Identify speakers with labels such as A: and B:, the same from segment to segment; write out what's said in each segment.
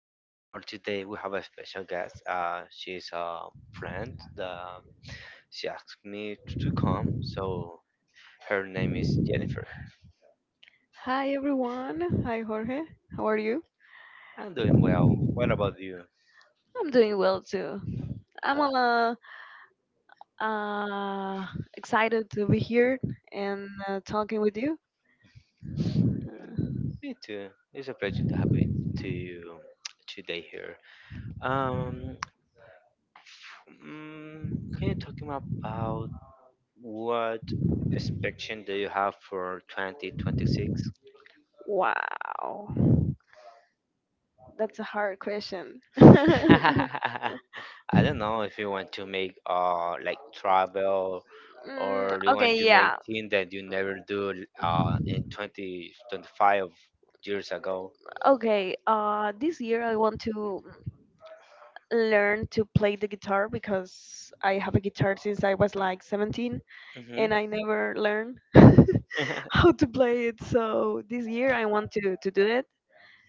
A: and for today we have a special guest. She's a friend that she asked me to come, so her name is Jennifer.
B: Hi everyone. Hi Jorge. How are you?
A: I'm doing well. What about you?
B: I'm doing well too. I'm
A: Uh,
B: uh, uh excited to be here and talking with you.
A: Me too. It's a pleasure to have it to you today here. Um, mm, can you talk me about what expectation do you have for 2026?
B: Wow. That's a hard question.
A: I don't know if you want to make like travel,
B: Mm,
A: or you
B: okay,
A: want to make
B: yeah.
A: things that you never do in 2025 years ago.
B: Okay, this year I want to learn to play the guitar because I have a guitar since I was like 17,
A: Mm-hmm.
B: and I never learned how to play it. So this year I want to do it.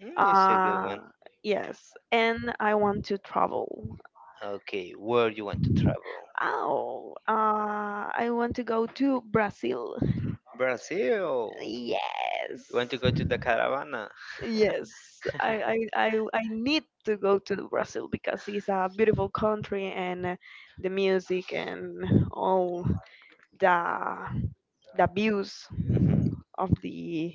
A: It's a good
B: Uh
A: one.
B: yes, and I want to travel.
A: Okay, where you want to travel?
B: Oh, I want to go to Brazil.
A: Brazil. You want to
B: Yes.
A: go to the caravana?
B: Yes, I, I, I, I need to go to Brazil because it's a beautiful country, and the music and all the the views
A: Mm-hmm.
B: of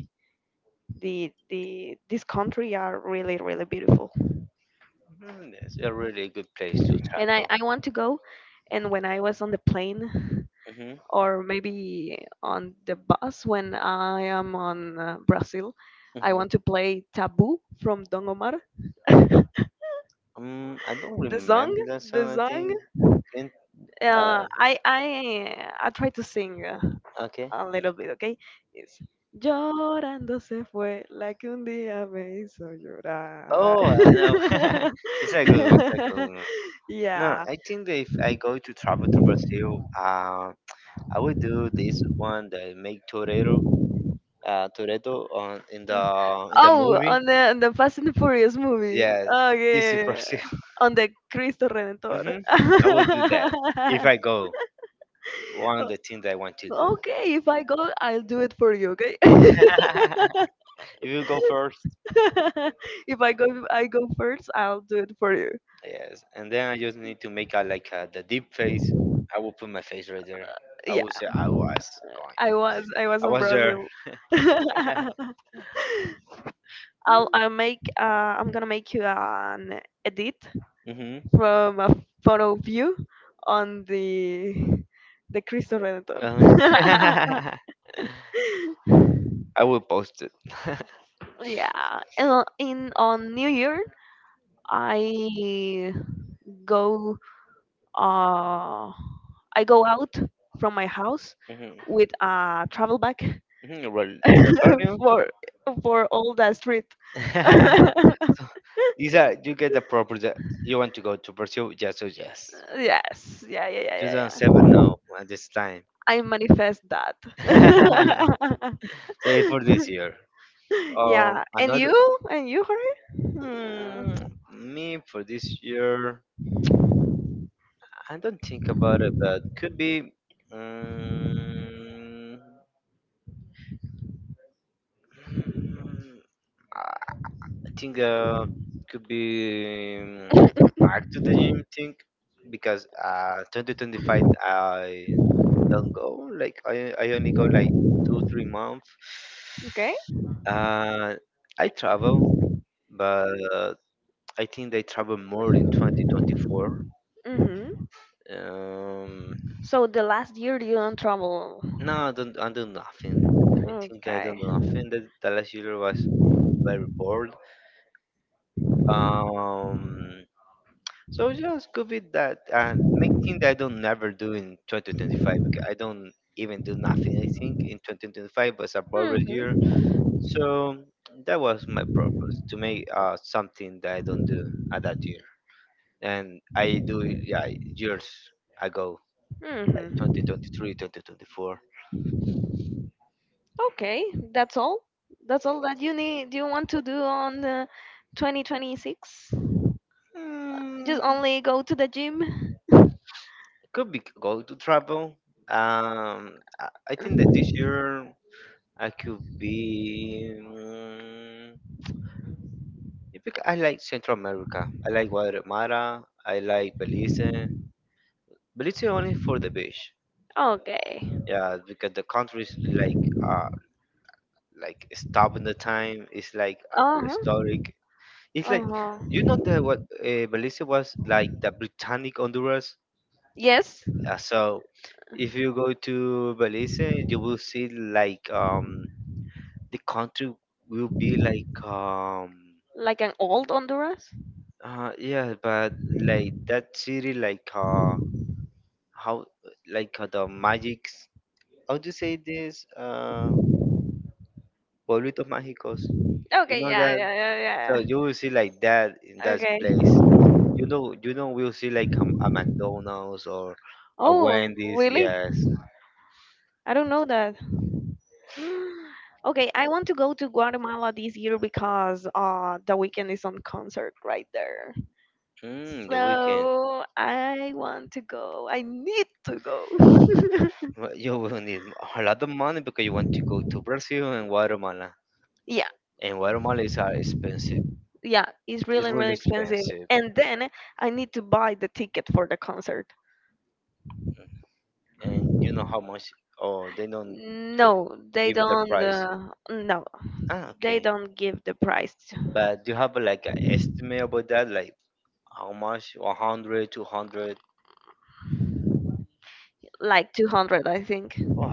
B: the this country are really, really beautiful.
A: Mm, that's a really good place to
B: And I,
A: travel.
B: I want to go, and when I was on the plane,
A: Mm-hmm.
B: or maybe on the bus, when I am on Brazil, I
A: Mm-hmm.
B: want to play Taboo from Don Omar.
A: I don't
B: The song,
A: remember that
B: the
A: song. I
B: song
A: think. Can-
B: I try to sing,
A: Okay.
B: a little bit, okay? It's llorando se fue la que un día me hizo llorar.
A: Oh, I know. It's a good one. It's a good one. No,
B: Yeah.
A: I think that if I go to travel to Brazil, I would do this one that make Torero, Toretto on in the
B: Oh,
A: movie.
B: on the Fast and the Furious movie.
A: Yes,
B: Oh
A: to
B: yeah, yeah,
A: Brazil.
B: yeah. On the Cristo Redentor.
A: Hmm, I would do that if I go. One of
B: O-
A: the things I want to do.
B: okay, if I go, I'll do it for you. Okay.
A: If you go first,
B: If I go, I go first. I'll do it for you.
A: yes, and then I just need to make a like a, the deep face.
B: Uh,
A: I will put my face right there. I
B: Yeah,
A: will say I was going.
B: I was
A: I
B: in
A: was there.
B: Brazil. I'll make I'm gonna make you an edit
A: Mm-hmm.
B: from a photo of you on the Cristo Redentor.
A: Uh, I will post it.
B: Yeah, and on- in on New Year, I go uh I go out from my house
A: Hmm.
B: with a travel bag
A: Hmm. Well, the cardio.
B: for for all the street.
A: So these are you get the proper? That you want to go to Brazil. Yes, oh yes.
B: Yes, yeah, yeah, yeah, yeah, yeah.
A: 2007 now at this time.
B: I manifest that.
A: So for this year. Um,
B: Yeah,
A: another
B: and you, Jorge.
A: mm,
B: Mm,
A: Me for this year. I don't think about it, but could be. Um, think could be back to the gym thing because 2025 I don't go like I only go like 2 3 months
B: okay.
A: uh I travel but I think they travel more in 2024.
B: Mhm.
A: um
B: So the last year you don't travel.
A: no I don't, I do nothing. I think I
B: Okay.
A: don't do nothing, that last year was very bored. um So just go with that and make thing that I don't never do in 2025 because I don't even do nothing. I think in 2025 was a borrowed year,
B: Mhm.
A: so that was my purpose to make something that I don't do at that year, and I do it yeah years ago
B: Mhm.
A: like 2023, 2024.
B: Okay, that's all. That's all that you need. Do you want to do on the 2026?
A: Mm,
B: Just only go to the gym?
A: could be go to travel. I think that this year I could be. If you, I like Central America. I like Guatemala. I like Belize. Belize only for the beach.
B: Okay.
A: Yeah, because the country is uh like stop in the time. It's like a
B: Uh huh.
A: prehistoric. It's
B: Uh
A: like
B: huh.
A: you know that what Belize was like the Britannic Honduras.
B: Yes?
A: So if you go to Belize, you will see like the country will be like
B: Like an old Honduras?
A: yeah, but like that city like how like the magics how to say this pueblito mágicos you
B: Okay,
A: know
B: yeah,
A: that,
B: yeah, yeah,
A: so
B: yeah,
A: you will see like that in
B: yeah.
A: that
B: Okay.
A: place. You know you know we'll see like a, McDonald's or a
B: Oh,
A: Wendy's
B: really?
A: yes.
B: I don't know that. Okay, I want to go to Guatemala this year because the weekend is on concert right there.
A: The weekend.
B: So I want to go. I need to go.
A: Well, you will need a lot of money because you want to go to Brazil and Guatemala,
B: Yeah,
A: and Guatemala is expensive.
B: yeah, it's
A: It's
B: really,
A: really
B: really expensive.
A: expensive,
B: And then I need to buy the ticket for the concert.
A: and you know how much? Oh they don't
B: No, they
A: give the
B: don't.
A: price.
B: No,
A: Ah
B: they
A: okay.
B: don't give the price.
A: But do you have like an estimate about that? Like how much? 100, 200?
B: Like 200, I think.
A: Oh,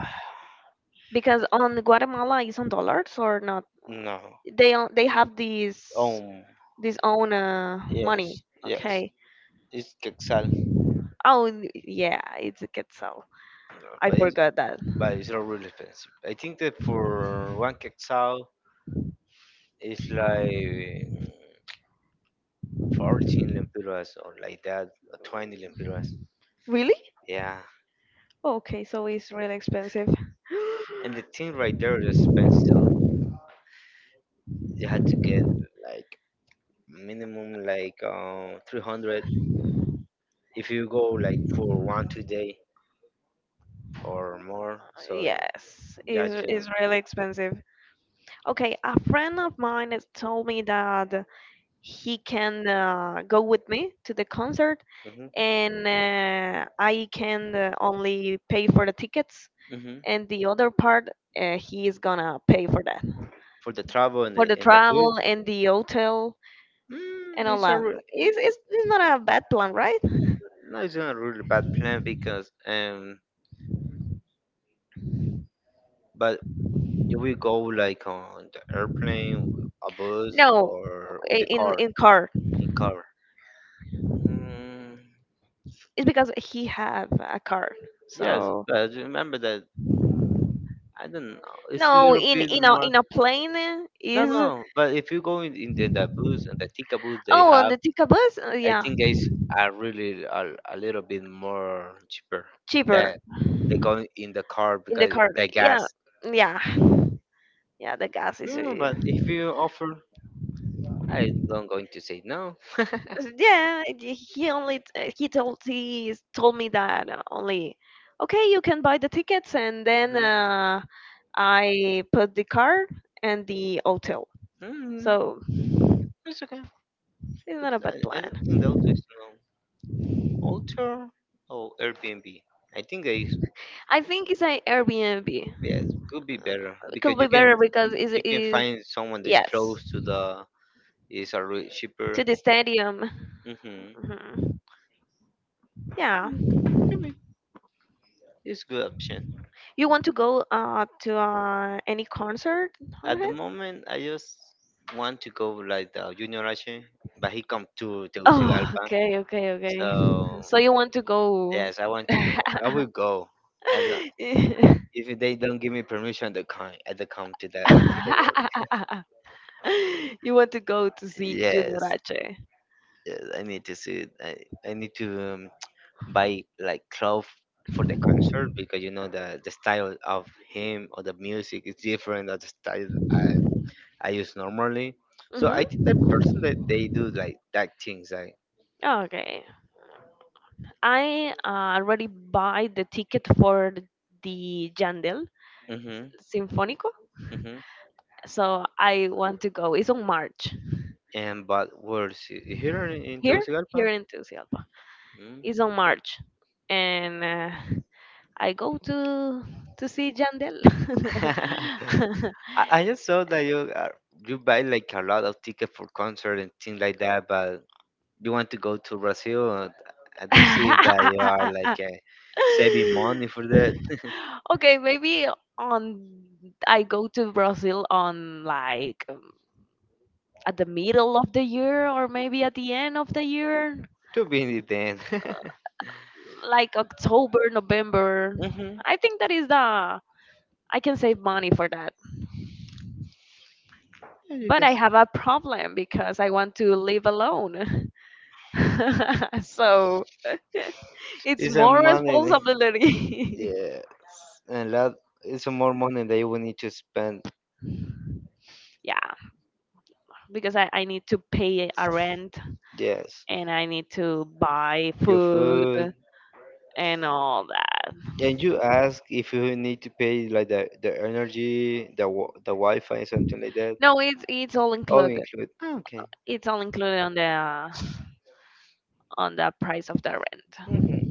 B: Because on Guatemala is on dollars or not?
A: no.
B: They have these
A: Um,
B: this own
A: yes,
B: money.
A: yes.
B: Okay.
A: It's quetzal,
B: Oh yeah, it's a quetzal. I
A: but it's,
B: forgot that.
A: but it's not really expensive. I think that for one quetzal, it's like 14 lempiras or like that, or 20 lempiras.
B: Really?
A: Yeah.
B: Okay, so it's really expensive.
A: And the thing right there is so you had to get like minimum like 300 if you go like for 1 2 day or more so
B: Yes,
A: you
B: it's
A: have to.
B: it's really expensive. Okay, a friend of mine has told me that he can go with me to the concert,
A: Hmm.
B: and I can only pay for the tickets,
A: Hmm.
B: and the other part, he is gonna pay for that,
A: For the travel
B: for the
A: and the food.
B: travel and the hotel and
A: Mm,
B: all
A: it's a
B: that.
A: re-
B: It's,
A: it-
B: it's, it's not a bad plan, right?
A: No, it's not a really bad plan because but you will go like on the airplane, a bus,
B: No,
A: or with the car?
B: in car.
A: In car. mm,
B: It's because he have a car.
A: yes
B: So
A: but remember that I don't know, it's a
B: no,
A: little bit more.
B: in a plane
A: No no
B: is,
A: but if you go in the bus, and the Tika bus they
B: oh, on
A: have,
B: the Tika bus.
A: I
B: Yeah,
A: think guys are really a little bit more cheaper
B: cheaper
A: that they go in the car
B: in the
A: because
B: car.
A: the
B: Yeah,
A: gas.
B: yeah, yeah. The gas is.
A: Mm, but if you offer, I don't going to say no.
B: Yeah, he only, he told me that, only okay, you can buy the tickets, and then
A: Mhm.
B: I put the car and the hotel,
A: Mm,
B: so
A: it's okay.
B: it's not a
A: I,
B: bad
A: I don't
B: plan.
A: think the auto is no alter or Airbnb. I think that is
B: I think it's an Airbnb.
A: yes, could be better
B: It
A: because
B: could be
A: you can,
B: better because
A: you you can
B: it's
A: find someone that's close
B: yes
A: to the, is a cheaper.
B: to the stadium.
A: Mm-hmm.
B: Mhm. Yeah,
A: Could be. It's good option.
B: you want to go to any concert,
A: At
B: Jorge?
A: the moment, I just want to go like the Junior H, but he come to
B: Oh,
A: Tegucigalpa.
B: okay, okay, okay.
A: So
B: So you want to go?
A: yes, I want to go. I will go. I don't,
B: Yeah.
A: if they don't give me permission to come, I don't come to the work.
B: You want to go to see Junior
A: Yes,
B: H?
A: yes, I need to see it. I need to buy like clothes for the concert because you know the style of him or the music is different than the style I use normally. So I think that
B: Mm-hmm.
A: person that they do like that things
B: Oh, okay. I already buy the ticket for the Jandel
A: like.
B: Sinfónico,
A: Mhm.
B: so I want to go. It's on March
A: And but worse, here in
B: here,
A: Tegucigalpa,
B: here in Tegucigalpa. It's on
A: mm.
B: March, and I go to see Jandel.
A: I just saw that you are, you buy like a lot of tickets for concert and things like that, but you want to go to Brazil. I don't see that you are like saving money for that.
B: Okay, maybe on I go to Brazil on like, at the middle of the year, or maybe at the end of the year,
A: To be in.
B: like October, November.
A: Mhm.
B: I think that is the I can save money for that.
A: You
B: But
A: can.
B: I have a problem because I want to live alone. So it's
A: It's a
B: more
A: money. That.
B: responsibility.
A: Yes, a lot. It's a more money that you will need to spend.
B: Yeah, because I need to pay a rent,
A: Yes.
B: and I need to buy
A: Your
B: food
A: food.
B: and all that.
A: And you ask if you need to pay like the energy, the the Wi-Fi, something like that.
B: No, it's all
A: All
B: included.
A: included. Ah, okay.
B: It's all included on the price of the rent.
A: Mm-hmm.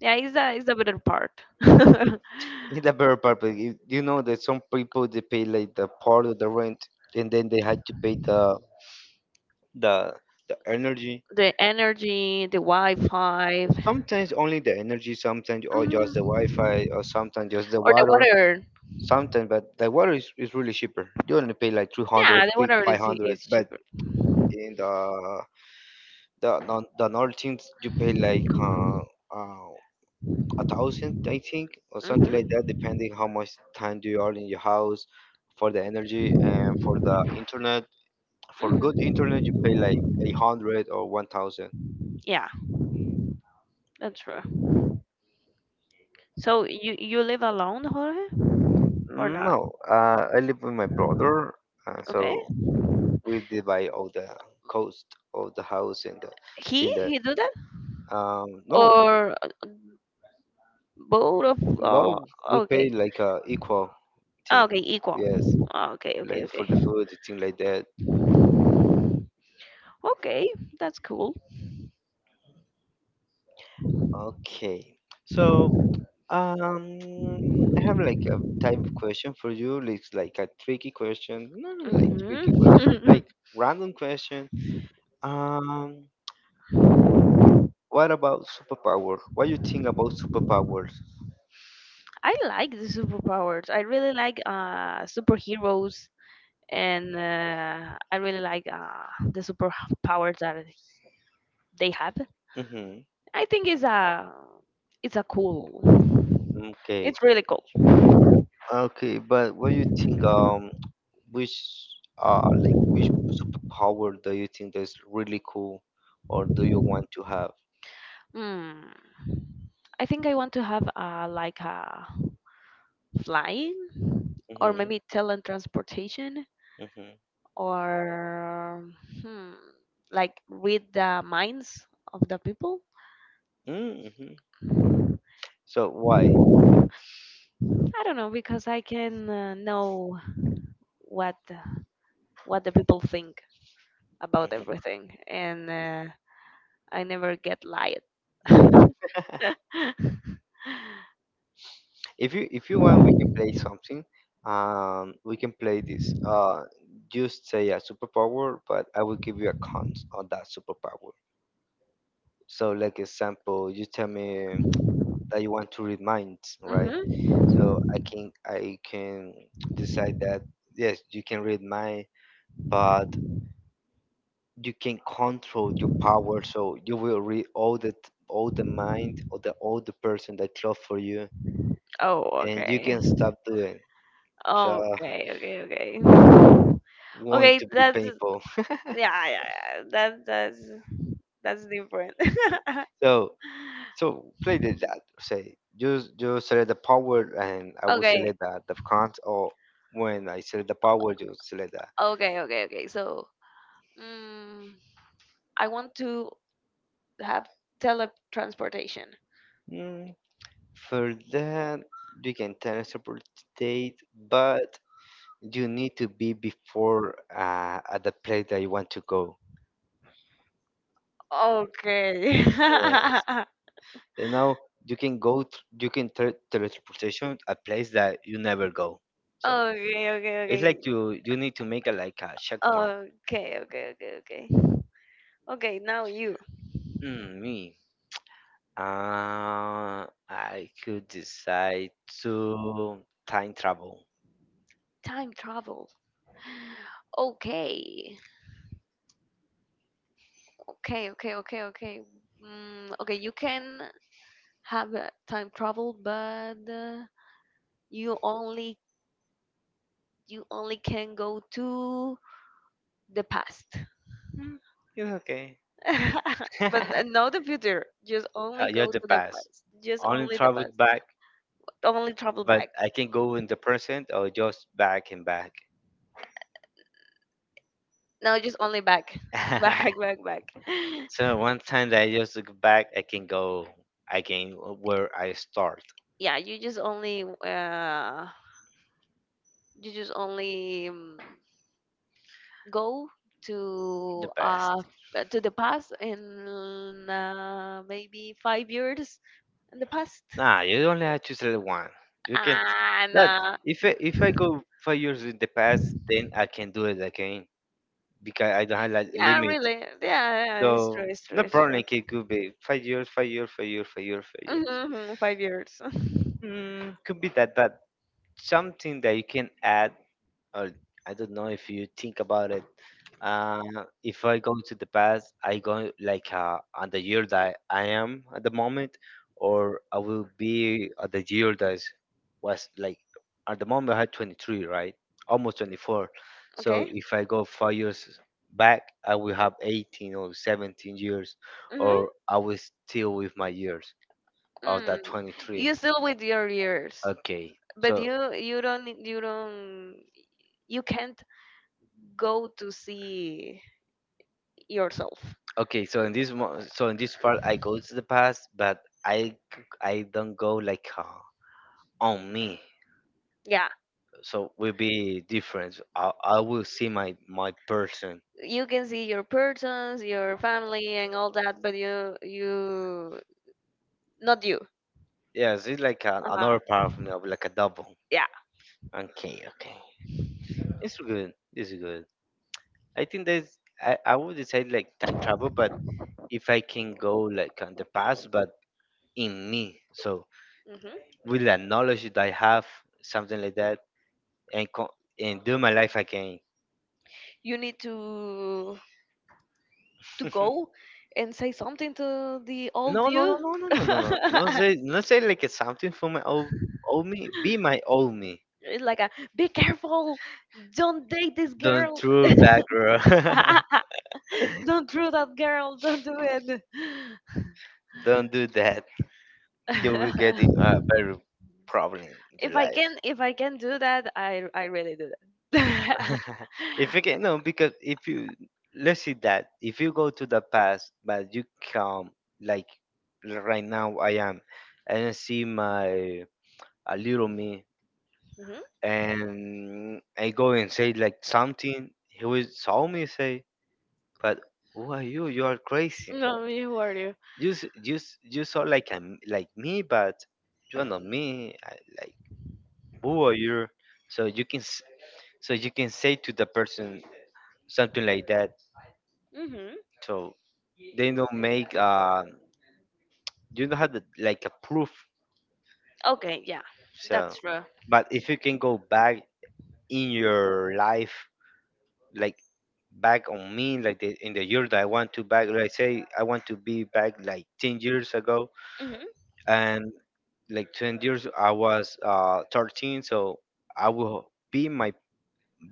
B: Yeah, it's a better part. The
A: The better part, but you know that some people they pay like the part of the rent and then they had to pay the the energy,
B: energy, the Wi-Fi,
A: sometimes only the energy sometimes, or just the Wi-Fi,
B: mm,
A: or sometimes just the
B: or the
A: water
B: water.
A: sometimes. But the water is really cheaper, you only pay like 300,
B: Yeah, the water
A: five hundred,
B: is
A: but
B: cheaper.
A: in the the normal things you pay like uh, a thousand I think or something like that
B: Mhm.
A: depending how much time you are in your house, for the energy and for the internet. For good internet you pay like
B: Mhm.
A: 800 or 1,000.
B: Yeah, that's true. So you live alone, Jorge, or not?
A: No I live with my brother so
B: Okay.
A: we divide all the cost of the house and the thing
B: He
A: that
B: he do that,
A: no,
B: or both of?
A: well we pay
B: Okay.
A: like a equal
B: Ah,
A: thing,
B: okay, equal.
A: yes,
B: Ah, okay, okay,
A: like
B: okay.
A: for the food thing like that.
B: Okay, that's cool.
A: Okay. So, um, I have like a type of question for you. Like, it's like a tricky question. Not like
B: Hmm.
A: tricky question, like random question. Um, what about superpower? What you think about superpowers?
B: I like the superpowers. I really like superheroes, and I really like the superpowers that they have.
A: Mm-hmm.
B: I think it's a cool.
A: Okay.
B: It's really cool.
A: Okay, but what do you think, which, like which superpower do you think is really cool or do you want to have?
B: Hmm. I think I want to have, like a flying, or
A: Mm-hmm.
B: maybe teletransportation,
A: Mm-hmm.
B: or hmm, like read the minds of the people.
A: Mm-hmm. So why?
B: I don't know because I can, know what what the people think about
A: Mhm.
B: everything. And I never get lied. Hmm.
A: If you want, we can play something. We can play this. Just say a superpower, but I will give you a cons on that superpower. So, like example, you tell me that you want to read minds, right? So I can decide that yes, you can read mind, but you can control your power. So you will read all the all the mind or the all the person that close for you,
B: Oh,
A: and you
B: okay.
A: can stop doing. So.
B: Okay, okay, okay.
A: Going
B: Okay,
A: to be
B: that's
A: painful.
B: yeah, yeah, yeah. That that's different.
A: So so play the that say you you select the power and I will
B: Okay,
A: select the cons, or when I select the power you select the.
B: okay, okay, okay. So, mm, I want to have teletransportation.
A: Mm, for that you can teleport but you need to be before at the place that you want to go.
B: Okay.
A: Yeah. You know you can go you can teleportation a place that you never go. So
B: Okay, okay,
A: it's
B: okay.
A: like you need to make a like a checkpoint.
B: Okay, okay, okay, okay. Okay, now you.
A: Mm, me. I could decide to time travel.
B: Time travel. Okay. Okay, okay, okay, okay. Mm, okay, you can have, time travel, but you only you only can go to the past.
A: It's okay.
B: But
A: Uh,
B: not the future. Just only
A: you're
B: go
A: the
B: to the
A: past.
B: past. Just
A: Only
B: only the
A: travel
B: past.
A: back,
B: Only travel
A: but
B: back.
A: I can go in the present or just back and back.
B: No, just only back, back, back, back.
A: So one time that I just look back, I can go again where I start
B: Yeah, you just only go
A: the
B: to
A: best.
B: the past in, maybe 5 years in the past,
A: Nah, you only have to select one. You can.
B: and,
A: But if I go 5 years in the past, then I can do it again because I don't have like
B: yeah,
A: limit.
B: really, yeah, yeah, it's
A: So
B: true, it's true,
A: no
B: it's
A: problem.
B: true.
A: Like, it could be 5 years, 5 years, 5 years, 5 years, 5 years.
B: Mm-hmm, 5 years.
A: Mm, could be that, but something that you can add or I don't know if you think about it. Uh, if I go to the past, I go like on the year that I am at the moment, or I will be at the year that was like at the moment I had 23, right? Almost 24. So
B: Okay.
A: if I go 5 years back, I will have 18 or 17 years,
B: Mm-hmm.
A: or I will still with my years of that
B: Mm.
A: 23.
B: You still with your ears,
A: Okay,
B: but
A: so.
B: you can't go to see yourself.
A: Okay, so in this part, I go to the past, but I don't go like on me.
B: Yeah,
A: So will be different. I will see my person.
B: you can see your persons, your family, and all that, but you not you.
A: Yes, it's like
B: Uh,
A: another part of me, like a double.
B: yeah.
A: Okay, okay, it's good. It's good. I think that's I would decide like time travel, but if I can go like on the past, but in me, so
B: Hmm.
A: with the knowledge that I have, something like that, and and do my life again.
B: You need to go and say something to the old
A: No, no, no,
B: you.
A: no, no, no, no, no. Don't say, don't say like it's something for my old, old me. Be my old me.
B: It's like a, be careful, don't date this
A: Don't
B: girl.
A: prove that, girl.
B: Don't throw that girl, don't do it.
A: Don't do that. You'll be getting a very problem in your
B: If I
A: life.
B: can, do that, I really do that.
A: If you can, no, because if you let's see that if you go to the past, but you come like right now I am, and I see my a little me,
B: Hmm.
A: and I go and say like something. He will saw me say. But who are you? You are crazy.
B: No, you are you.
A: You sound like a m like me, but you are not me. I, like who are you? So you can s- so you can say to the person something like that.
B: Hmm.
A: So they don't make you don't have like a proof.
B: Okay, yeah,
A: So,
B: that's true.
A: but if you can go back in your life, like back on me, like in the year that I want to back, like say I want to be back like 10 years ago,
B: Hmm.
A: and like 20 years I was 13, so I will be my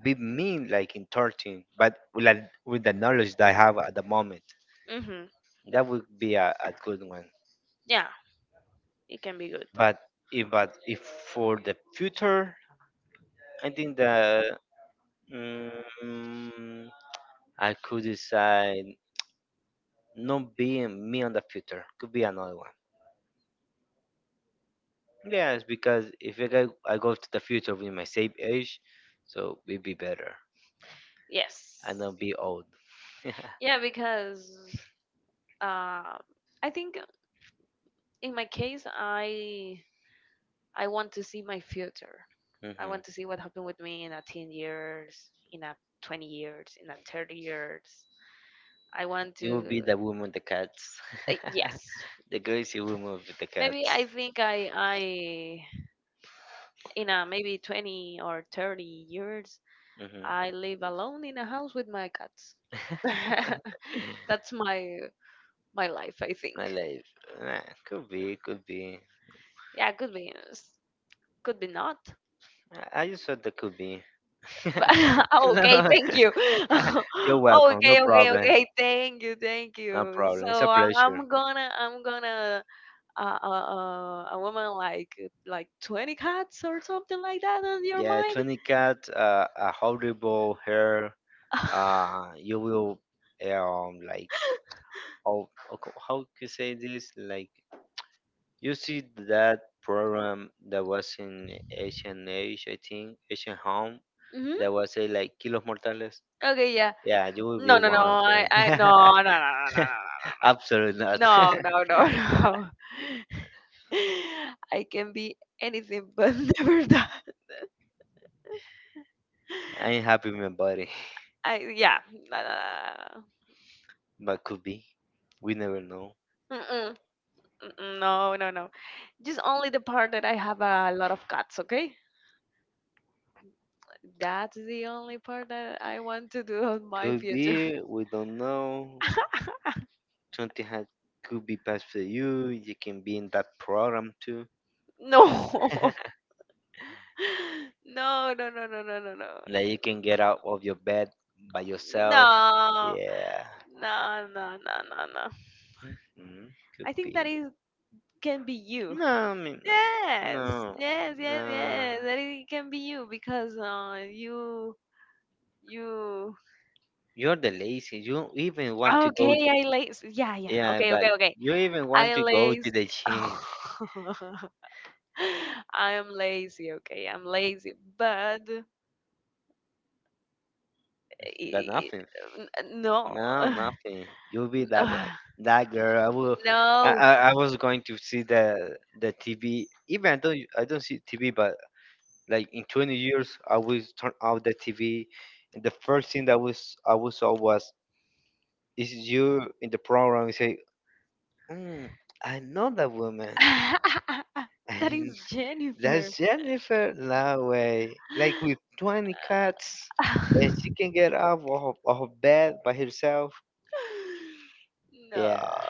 A: be me like in 13, but with the knowledge that I have at the moment.
B: Hmm.
A: That would be a good one,
B: Yeah, it can be good.
A: but if for the future I think that mm, I could decide not being me on the future, could be another one. Yes, because if I go, I go to the future with my same age, so it'd be better
B: Yes.
A: and not be old.
B: Yeah, because, uh, I think in my case, I want to see my future. I
A: Hmm.
B: want to see what happened with me in a 10 years, in a 20 years, in a 30 years. I want
A: You will be
B: to.
A: the woman, the cats.
B: Uh, yes,
A: The girls, you will move with the
B: maybe
A: cats.
B: I think I in a maybe 20 or 30 years
A: Hmm.
B: I live alone in a house with my cats. That's my life, I
A: My
B: think.
A: life. Eh, could be, could be.
B: Yeah, could be yes, could be not.
A: I just thought that could be.
B: But oh, okay,
A: No.
B: thank you.
A: You're welcome. No
B: Okay, okay,
A: problem.
B: okay. Thank you, thank
A: No
B: you.
A: problem. It's a
B: So
A: pleasure.
B: I'm gonna a woman like 20 cats or something like that on your
A: Yeah,
B: mind.
A: 20 cat, a horrible hair. You will like oh, how to say this? Like you see that program that was in Asian Age, I think, Asian Home,
B: Hmm.
A: that was a like Kilos Mortales.
B: Okay, yeah.
A: Yeah, you will be,
B: No,
A: no,
B: no,
A: no,
B: no.
A: one, no, of them.
B: No, no, no, no, no,
A: Absolutely not.
B: no, no, no, no, no, no. I can be anything, but never that.
A: I ain't happy with my body,
B: I, yeah. No, no, no,
A: but could be. We never know.
B: no, no, no. Mm-mm, mm-mm, no, no, no. Just only the part that I have a lot of cuts. Okay, that's the only part that I want to do on my
A: Could
B: future.
A: be. We don't know. Something had could be passed for you. You can be in that program too.
B: No, no, no, no, no, no, no, no.
A: Like you can get out of your bed by, no,
B: No,
A: yourself. No. Yeah.
B: no, no, no, no, no, no.
A: Mhm, could
B: I think
A: be.
B: that is can be you.
A: No, I mean,
B: Yes,
A: no, no,
B: yes, yes,
A: no.
B: yes. That it can be you because, you.
A: You're the lazy. You even want to go.
B: Okay, I lazy. Yeah, yeah.
A: Yeah,
B: Okay,
A: but
B: okay, okay.
A: you even want
B: I
A: to go
B: lazy.
A: to the gym.
B: I am lazy. Okay, I'm lazy. But
A: But
B: i-
A: nothing.
B: n- no,
A: No, nothing. You'll be that one. That girl. I will. I,
B: no.
A: I, I was going to see the TV. Even I don't see TV, but like in 20 years, I will turn out the TV. And the first thing that was I was saw was is you in the program. You say. Mm, I know that woman.
B: That
A: And
B: is Jennifer.
A: that's Jennifer Laway. Like with 20 cats, and she can get up of bed by herself.
B: No,
A: Yeah,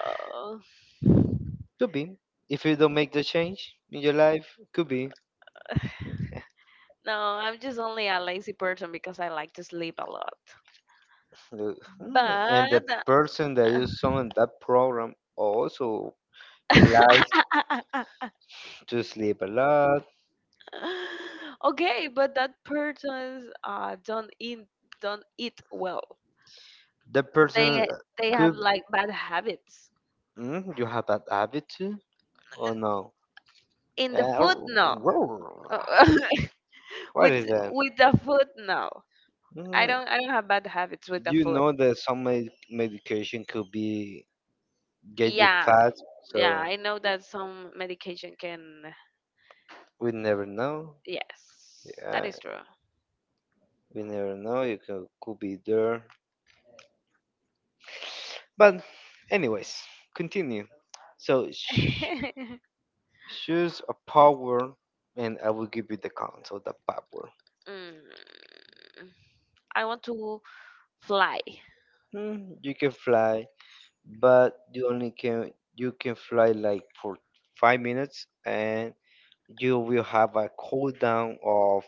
A: could be. If you don't make the change in your life, could be.
B: no, I'm just only a lazy person because I like to sleep a lot.
A: Look, and
B: But
A: the person that is on that program also likes to sleep a lot.
B: okay, but that persons don't eat, well.
A: The person
B: They they have
A: could.
B: like bad habits.
A: You have that habit too, or
B: And
A: no?
B: in the food, no.
A: Uh, what is
B: with
A: that?
B: with the food, no.
A: Mm,
B: I don't have bad habits with the
A: you
B: food.
A: know that some medication could be get you
B: Yeah,
A: fat,
B: yeah,
A: so
B: I know that some medication can,
A: we never know.
B: yes, that
A: Yeah,
B: is true.
A: we never know. You could be there. But, anyways, continue. So,
B: Mm.
A: choose a power, and I will give you the count of the power.
B: I want to fly.
A: Hmm, you can fly, but you only can fly like for 5 minutes, and you will have a cool down of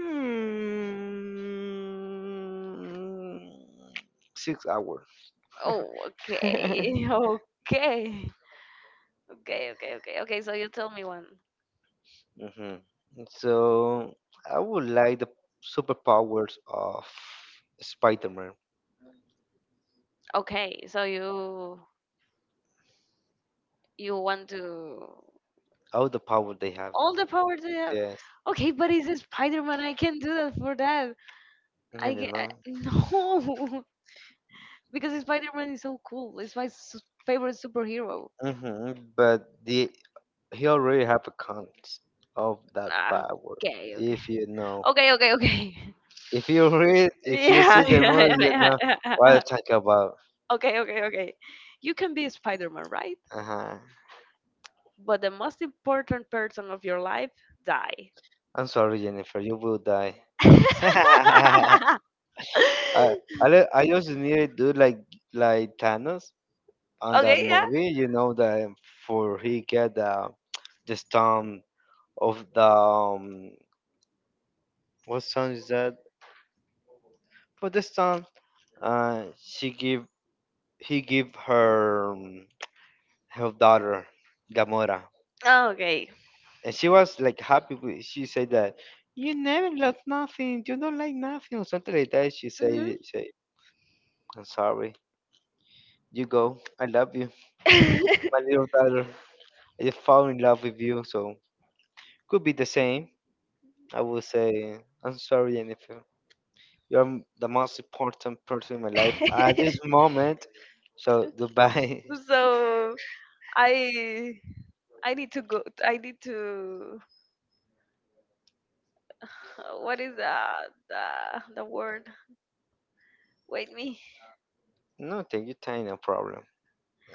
A: mm, 6 hours.
B: Oh, okay.
A: Hmm.
B: Okay. Okay, okay, okay, okay, so you tell me one.
A: So I would like the superpowers of Spider-Man.
B: Okay, so you want to
A: All the power they have.
B: all the power they have.
A: Yes,
B: Okay, but it's a Spider-Man, I can't do that. For that
A: I
B: i
A: don't
B: can,
A: know.
B: no, because Spider-Man is so cool. It's my favorite superhero.
A: Hmm. But the he already have accounts of that
B: Ah,
A: power.
B: okay, okay,
A: If you know,
B: okay, okay, okay.
A: if you read, if you see
B: Yeah,
A: the
B: yeah,
A: movie, you
B: yeah,
A: know
B: yeah,
A: what I'm
B: yeah.
A: talking about.
B: Okay, okay, okay. You can be Spider-Man, right?
A: Uh-huh.
B: But the most important person of your life die.
A: I'm sorry, Jennifer. You will die. I, I just need to do like Thanos on that
B: Okay, yeah.
A: movie. You know that for he get the stone of the what stone is that? For the stone, she give he give her her daughter Gamora,
B: Okay.
A: and she was like happy. She said that you never love nothing. You don't like nothing or something like that. She
B: Hmm.
A: said, she, "I'm sorry." You go. I love you. My little daughter I just fall in love with you, so could be the same. I will say I'm sorry, Jennifer. You're the most important person in my life at this moment. So goodbye.
B: so I I need to go. I need to. What is the word? Wait me.
A: No, take your time, no problem.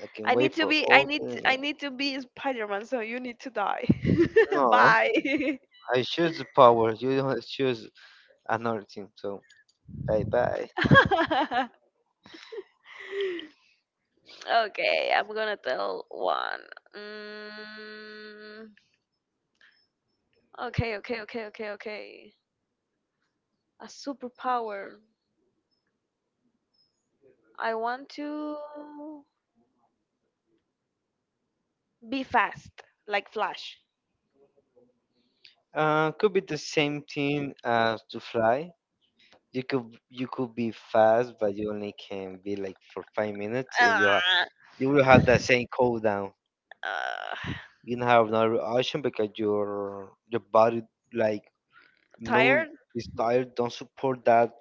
A: I can
B: I need
A: wait
B: to
A: for
B: be. I
A: all
B: need. I
A: the.
B: need to be Spider-Man. So you need to die.
A: No,
B: Bye.
A: I choose the power. You don't choose another team. So bye bye.
B: Okay, I'm gonna tell one. Mm, okay, okay, okay, okay, okay. A superpower. I want to be fast, like Flash.
A: Could be the same team as to fly. You could be fast, but you only can be like for 5 minutes, and
B: Ah,
A: you will have that same cool down.
B: uh,
A: You don't have another option because your body like no
B: Tired?
A: is tired, don't support that.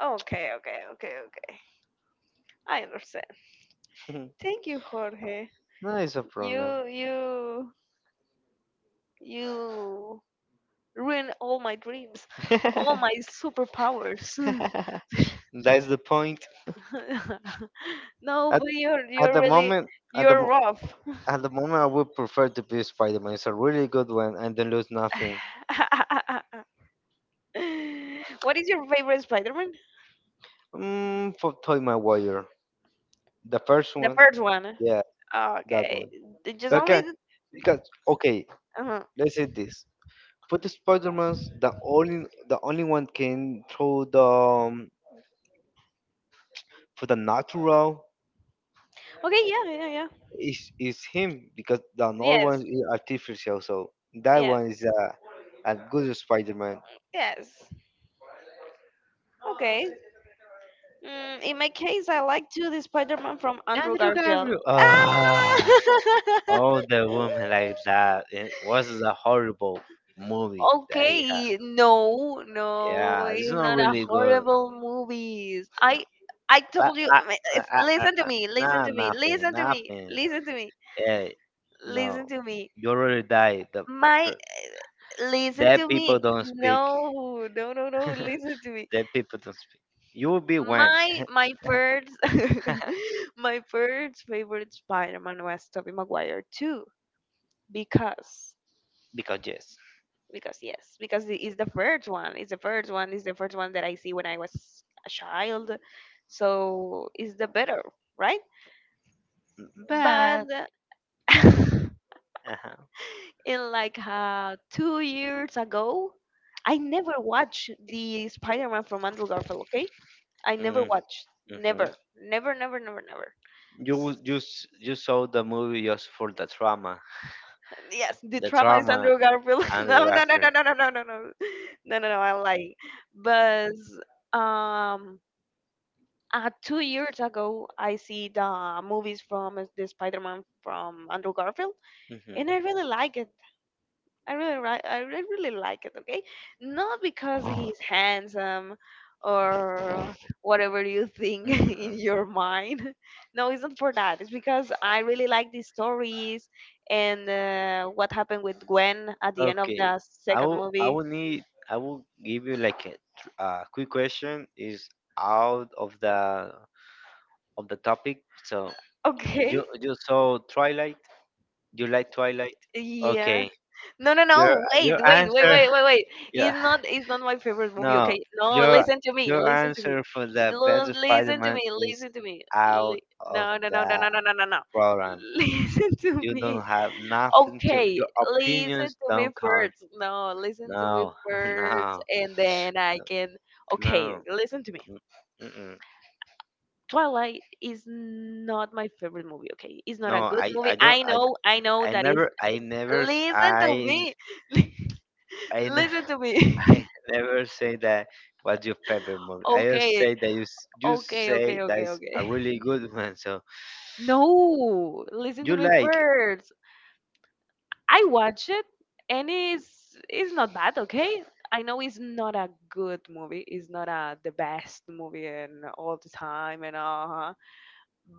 B: Okay, okay, okay, okay. I understand.
A: No,
B: Thank you, Jorge.
A: it's a problem.
B: You you you ruin all my dreams, all my superpowers.
A: That's the point.
B: No,
A: At,
B: but you're
A: at
B: you're
A: the
B: really
A: moment, at the
B: you're
A: mo-
B: rough.
A: at the moment, I would prefer to be Spider Man. It's a really good one, and then lose nothing.
B: What is your favorite Spider-Man?
A: Mm, for Toy My wire. The first,
B: The first one.
A: yeah, that
B: Okay,
A: one.
B: just only.
A: Okay, because okay,
B: Uh
A: let's say this. For the Spider-Man, the only one can throw the for the natural
B: Okay, yeah, yeah, yeah.
A: is him because the other one
B: Yes,
A: is artificial. So that
B: yes,
A: one is a good Spider-Man.
B: yes. Okay. In my case, I like to the Spider-Man from Andrew
A: Andrew
B: Garfield.
A: Garfield.
B: Ah!
A: Ah, oh, the woman like that. It was a horrible movie that he had.
B: Okay, no, no,
A: Yeah, it's
B: it's
A: not
B: not a
A: really good.
B: horrible movies. I
A: I,
B: told you.
A: I, I,
B: It's,
A: I,
B: listen to
A: I,
B: me. Listen
A: nah,
B: to me.
A: nothing,
B: Listen to me.
A: nothing.
B: Listen to me.
A: Yeah,
B: Listen
A: no,
B: to me.
A: you already died.
B: My,
A: Per-
B: listen
A: Dead
B: to
A: people
B: me.
A: don't speak.
B: No, no, no, no. Listen to me.
A: Dead people don't speak. You will be one.
B: My first my first favorite Spider-Man was Tobey Maguire too because
A: Because yes,
B: because yes because it is the first one it's the first one it's the first one that I see when I was a child so it's the better right but
A: but uh-huh.
B: in like 2 years ago I never watched the Spider-Man from Andrew Garfield okay I never
A: Mm,
B: watched
A: mhm.
B: never never never never never.
A: you will- you s- you saw the movie just for
B: Yes, the
A: the
B: trauma is
A: trauma
B: Andrew Garfield.
A: and the
B: No, no, no, no,
A: laughter.
B: no, no, no, no, no, no, no, no. I like, but um, 2 years ago, I see the movies from the Spider-Man from Andrew Garfield, and I
A: Hmm.
B: really like it. I really like it. Okay, not because he's handsome or whatever you think in
A: Hmm.
B: your mind. No, it's not for that. It's because I really like the stories and what happened with Gwen at the end of
A: Okay,
B: the
A: I
B: second
A: will I
B: movie.
A: will need I will give you like a quick question is out of the topic. So you
B: Okay,
A: you saw Twilight? You like Twilight?
B: yeah.
A: Okay,
B: No, no,
A: your
B: no. Wait,
A: your
B: wait, wait,
A: answer.
B: wait, wait, wait.
A: Yeah,
B: It's not. It's not my favorite movie.
A: no,
B: Okay. No,
A: your
B: listen to me.
A: your
B: Listen to me.
A: answer for the best
B: Listen to
A: Spider-Man
B: me.
A: is
B: Listen to me.
A: out
B: Li-
A: of
B: no, no, no, no,
A: the
B: no, no, no, no, no.
A: program.
B: Listen to
A: You
B: me.
A: don't have nothing to
B: Okay,
A: your
B: listen
A: opinions
B: to me
A: don't count.
B: first. No, listen to me
A: No,
B: first,
A: no,
B: and then I can. Okay,
A: no.
B: listen to me.
A: N- Mm-mm.
B: Twilight is not my favorite movie. Okay, it's not
A: No,
B: a good
A: I
B: movie.
A: I don't.
B: I know. I know
A: I
B: that is.
A: never I never s-
B: Listen to
A: I
B: me.
A: I never.
B: Listen to me.
A: I never say that what's your favorite movie. I just
B: Okay,
A: say that you
B: okay, okay,
A: say that
B: okay,
A: is
B: okay.
A: a really good one. So
B: No, listen to
A: you
B: me
A: like
B: first. I watch it and it's not bad, okay? I know it's not a good movie. It's not a the best movie and all the time and uh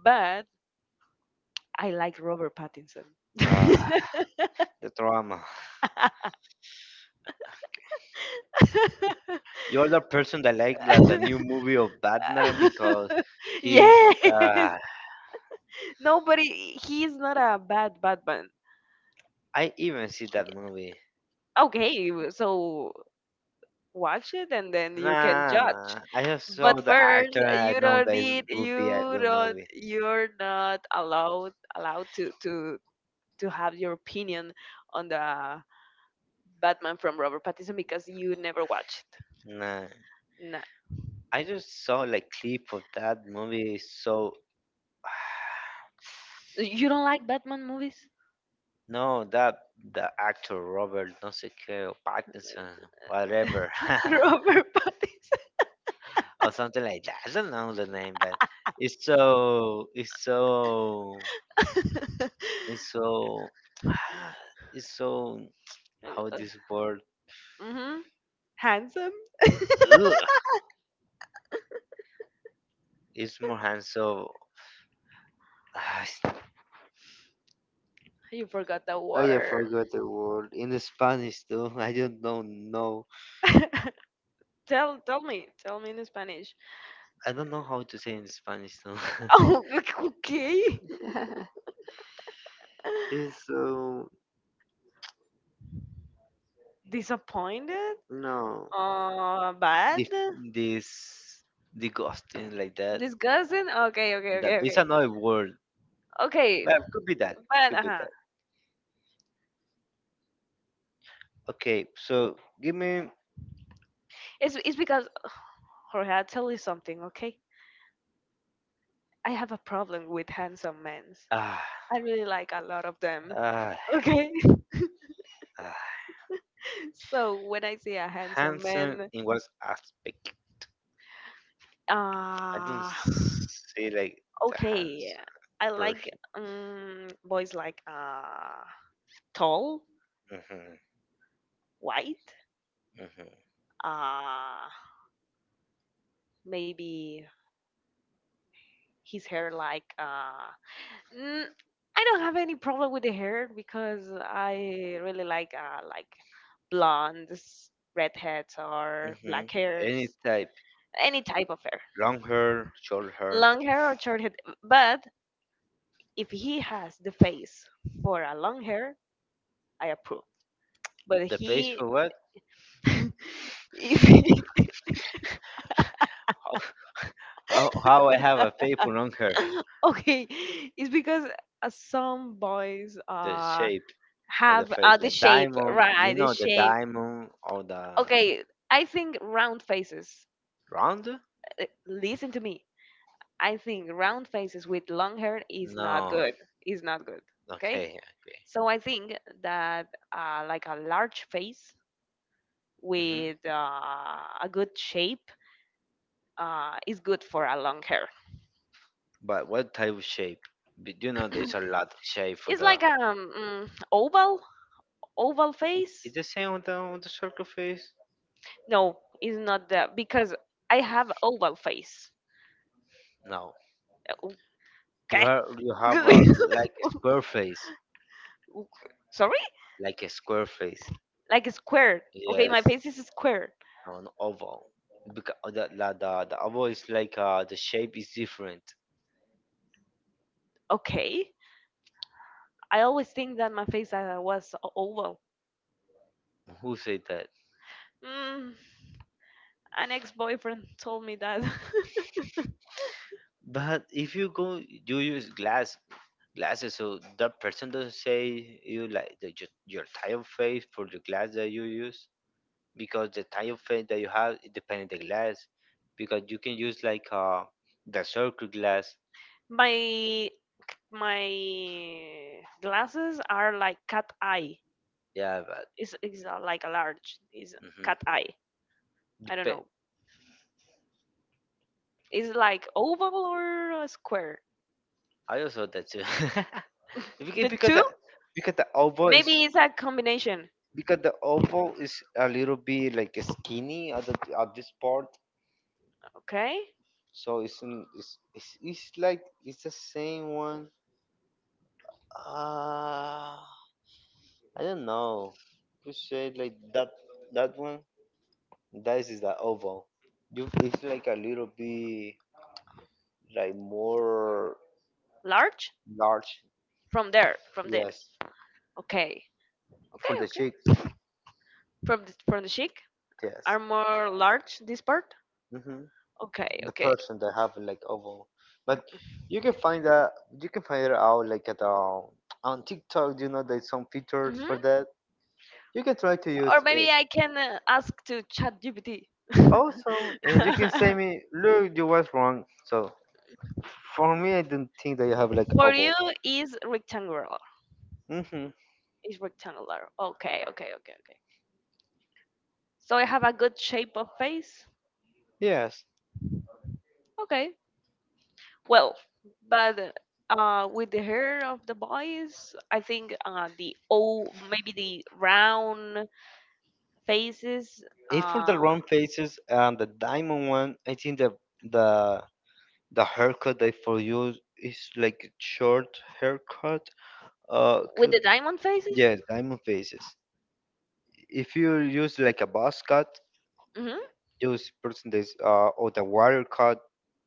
B: but I like Robert Pattinson.
A: uh, the drama. You're the person that like the new movie of Batman because he's
B: Yes.
A: uh
B: Nobody he's not a bad Batman.
A: I even see that movie.
B: Okay, so watch it and then you can
A: Nah,
B: judge.
A: nah. I just saw
B: But
A: the
B: first,
A: actor and I
B: you
A: know
B: don't
A: that it
B: need
A: would be a
B: you
A: good
B: don't
A: movie.
B: you're not allowed allowed to have your opinion on the Batman from Robert Pattinson because you never watched.
A: Nah,
B: Nah.
A: I just saw like clip of that movie. So
B: You don't like Batman movies?
A: no, that the actor Robert, no sé qué, Pattinson, whatever,
B: Robert Pattinson.
A: or something like that. I don't know the name, but it's so, it's so, it's so, it's so. How this word?
B: Mm-hmm. Handsome?
A: Ugh, it's more handsome. Ah,
B: You forgot the
A: I
B: word.
A: forgot the word in Spanish too. I don't know. No,
B: Tell me, tell me in Spanish.
A: I don't know how to say in Spanish too.
B: Oh, okay.
A: It's so
B: Disappointed?
A: no
B: Bad?
A: the this the ghosting like that.
B: Disgusting? Okay, okay,
A: That
B: okay,
A: it's
B: okay.
A: another word.
B: Okay,
A: But could be that.
B: but
A: Could be
B: uh-huh.
A: that. Okay, so give me.
B: It's because Jorge, I'll tell you something, okay? I have a problem with handsome men.
A: Ah,
B: I really like a lot of them.
A: ah,
B: Okay?
A: ah,
B: So when I see a handsome
A: handsome
B: man,
A: in what aspect? I don't
B: uh
A: see like the
B: okay.
A: hands
B: I like
A: person.
B: boys like tall,
A: Hmm,
B: white,
A: hmm,
B: uh maybe his hair like mm, I don't have any problem with the hair because I really like blondes, redheads or
A: hmm.
B: black
A: Any
B: hairs,
A: type,
B: any type of hair.
A: long hair, short hair.
B: Long hair or short hair, but if he has the face for a long hair, I approve. But
A: The face
B: he
A: for what?
B: if
A: How I have a paper on her.
B: okay, it's because some boys
A: The shape of the
B: have
A: face,
B: the
A: the
B: shape,
A: diamond. You
B: right? The
A: know the
B: shape.
A: diamond or the
B: Okay, I think round faces.
A: round?
B: Listen to me. I think round faces with long hair is not
A: No.
B: good. Is not good. Okay.
A: Okay.
B: So I think that like a large face
A: Okay. Hmm.
B: with a good shape is good for a long hair.
A: But what type of shape? You know, there's a lot of shape for
B: It's
A: the.
B: like oval oval
A: Is
B: face.
A: the same on the circle face?
B: No, it's not that because I have oval face.
A: No. You
B: Okay.
A: have a like a square face,
B: Sorry,
A: like a square face.
B: like a square. Okay, my
A: Yes,
B: face is square
A: an oval. Because the oval is like the shape is different.
B: okay. I always think that my face was oval.
A: Who said that?
B: Mm, an ex-boyfriend told me that.
A: But if you go, you use glasses, so that person doesn't say you like your type of face for the glass that you use, because the type of face that you have, it depends on the glass, because you can use like the circle glass.
B: my my glasses are like cat eye.
A: Yeah, but
B: It's like a large. It's cat
A: hmm
B: eye. I don't
A: Dep-
B: know. It's like oval or a square.
A: I also that too,
B: The
A: because
B: two?
A: the because the elbow is
B: Maybe it's a combination.
A: because the elbow is a little bit like skinny at at this part,
B: Okay,
A: so it's like it's the same one. Uh, I don't know. You say like that, that one. This is the oval. You, it's like a little bit like more
B: large
A: large.
B: from there, from this.
A: Yes,
B: Okay, okay,
A: for the
B: okay.
A: chicks.
B: From the cheek
A: Yes.
B: are more large. This part.
A: Hmm.
B: Okay,
A: The
B: okay.
A: person that have like oval, but you can find that you can find it out like at on TikTok. You know, there's some features for
B: Hmm.
A: that. You can try to use
B: Or
A: it.
B: maybe I can ask to ChatGPT.
A: Also, and you can say me, look, you was wrong. So, for me, I don't think that I have like
B: For
A: oval.
B: you is rectangular.
A: Hmm.
B: Is rectangular. Okay, okay, okay, okay. So I have a good shape of face.
A: Yes.
B: Okay. Well, but with the hair of the boys, I think the O, maybe the round faces,
A: If for the
B: uh,
A: round faces and the diamond one, I think the the haircut that for you is like a short haircut.
B: with
A: Could,
B: the diamond faces.
A: yes, diamond faces. If you use like a buzz cut,
B: Hmm.
A: use percentage or the wire cut.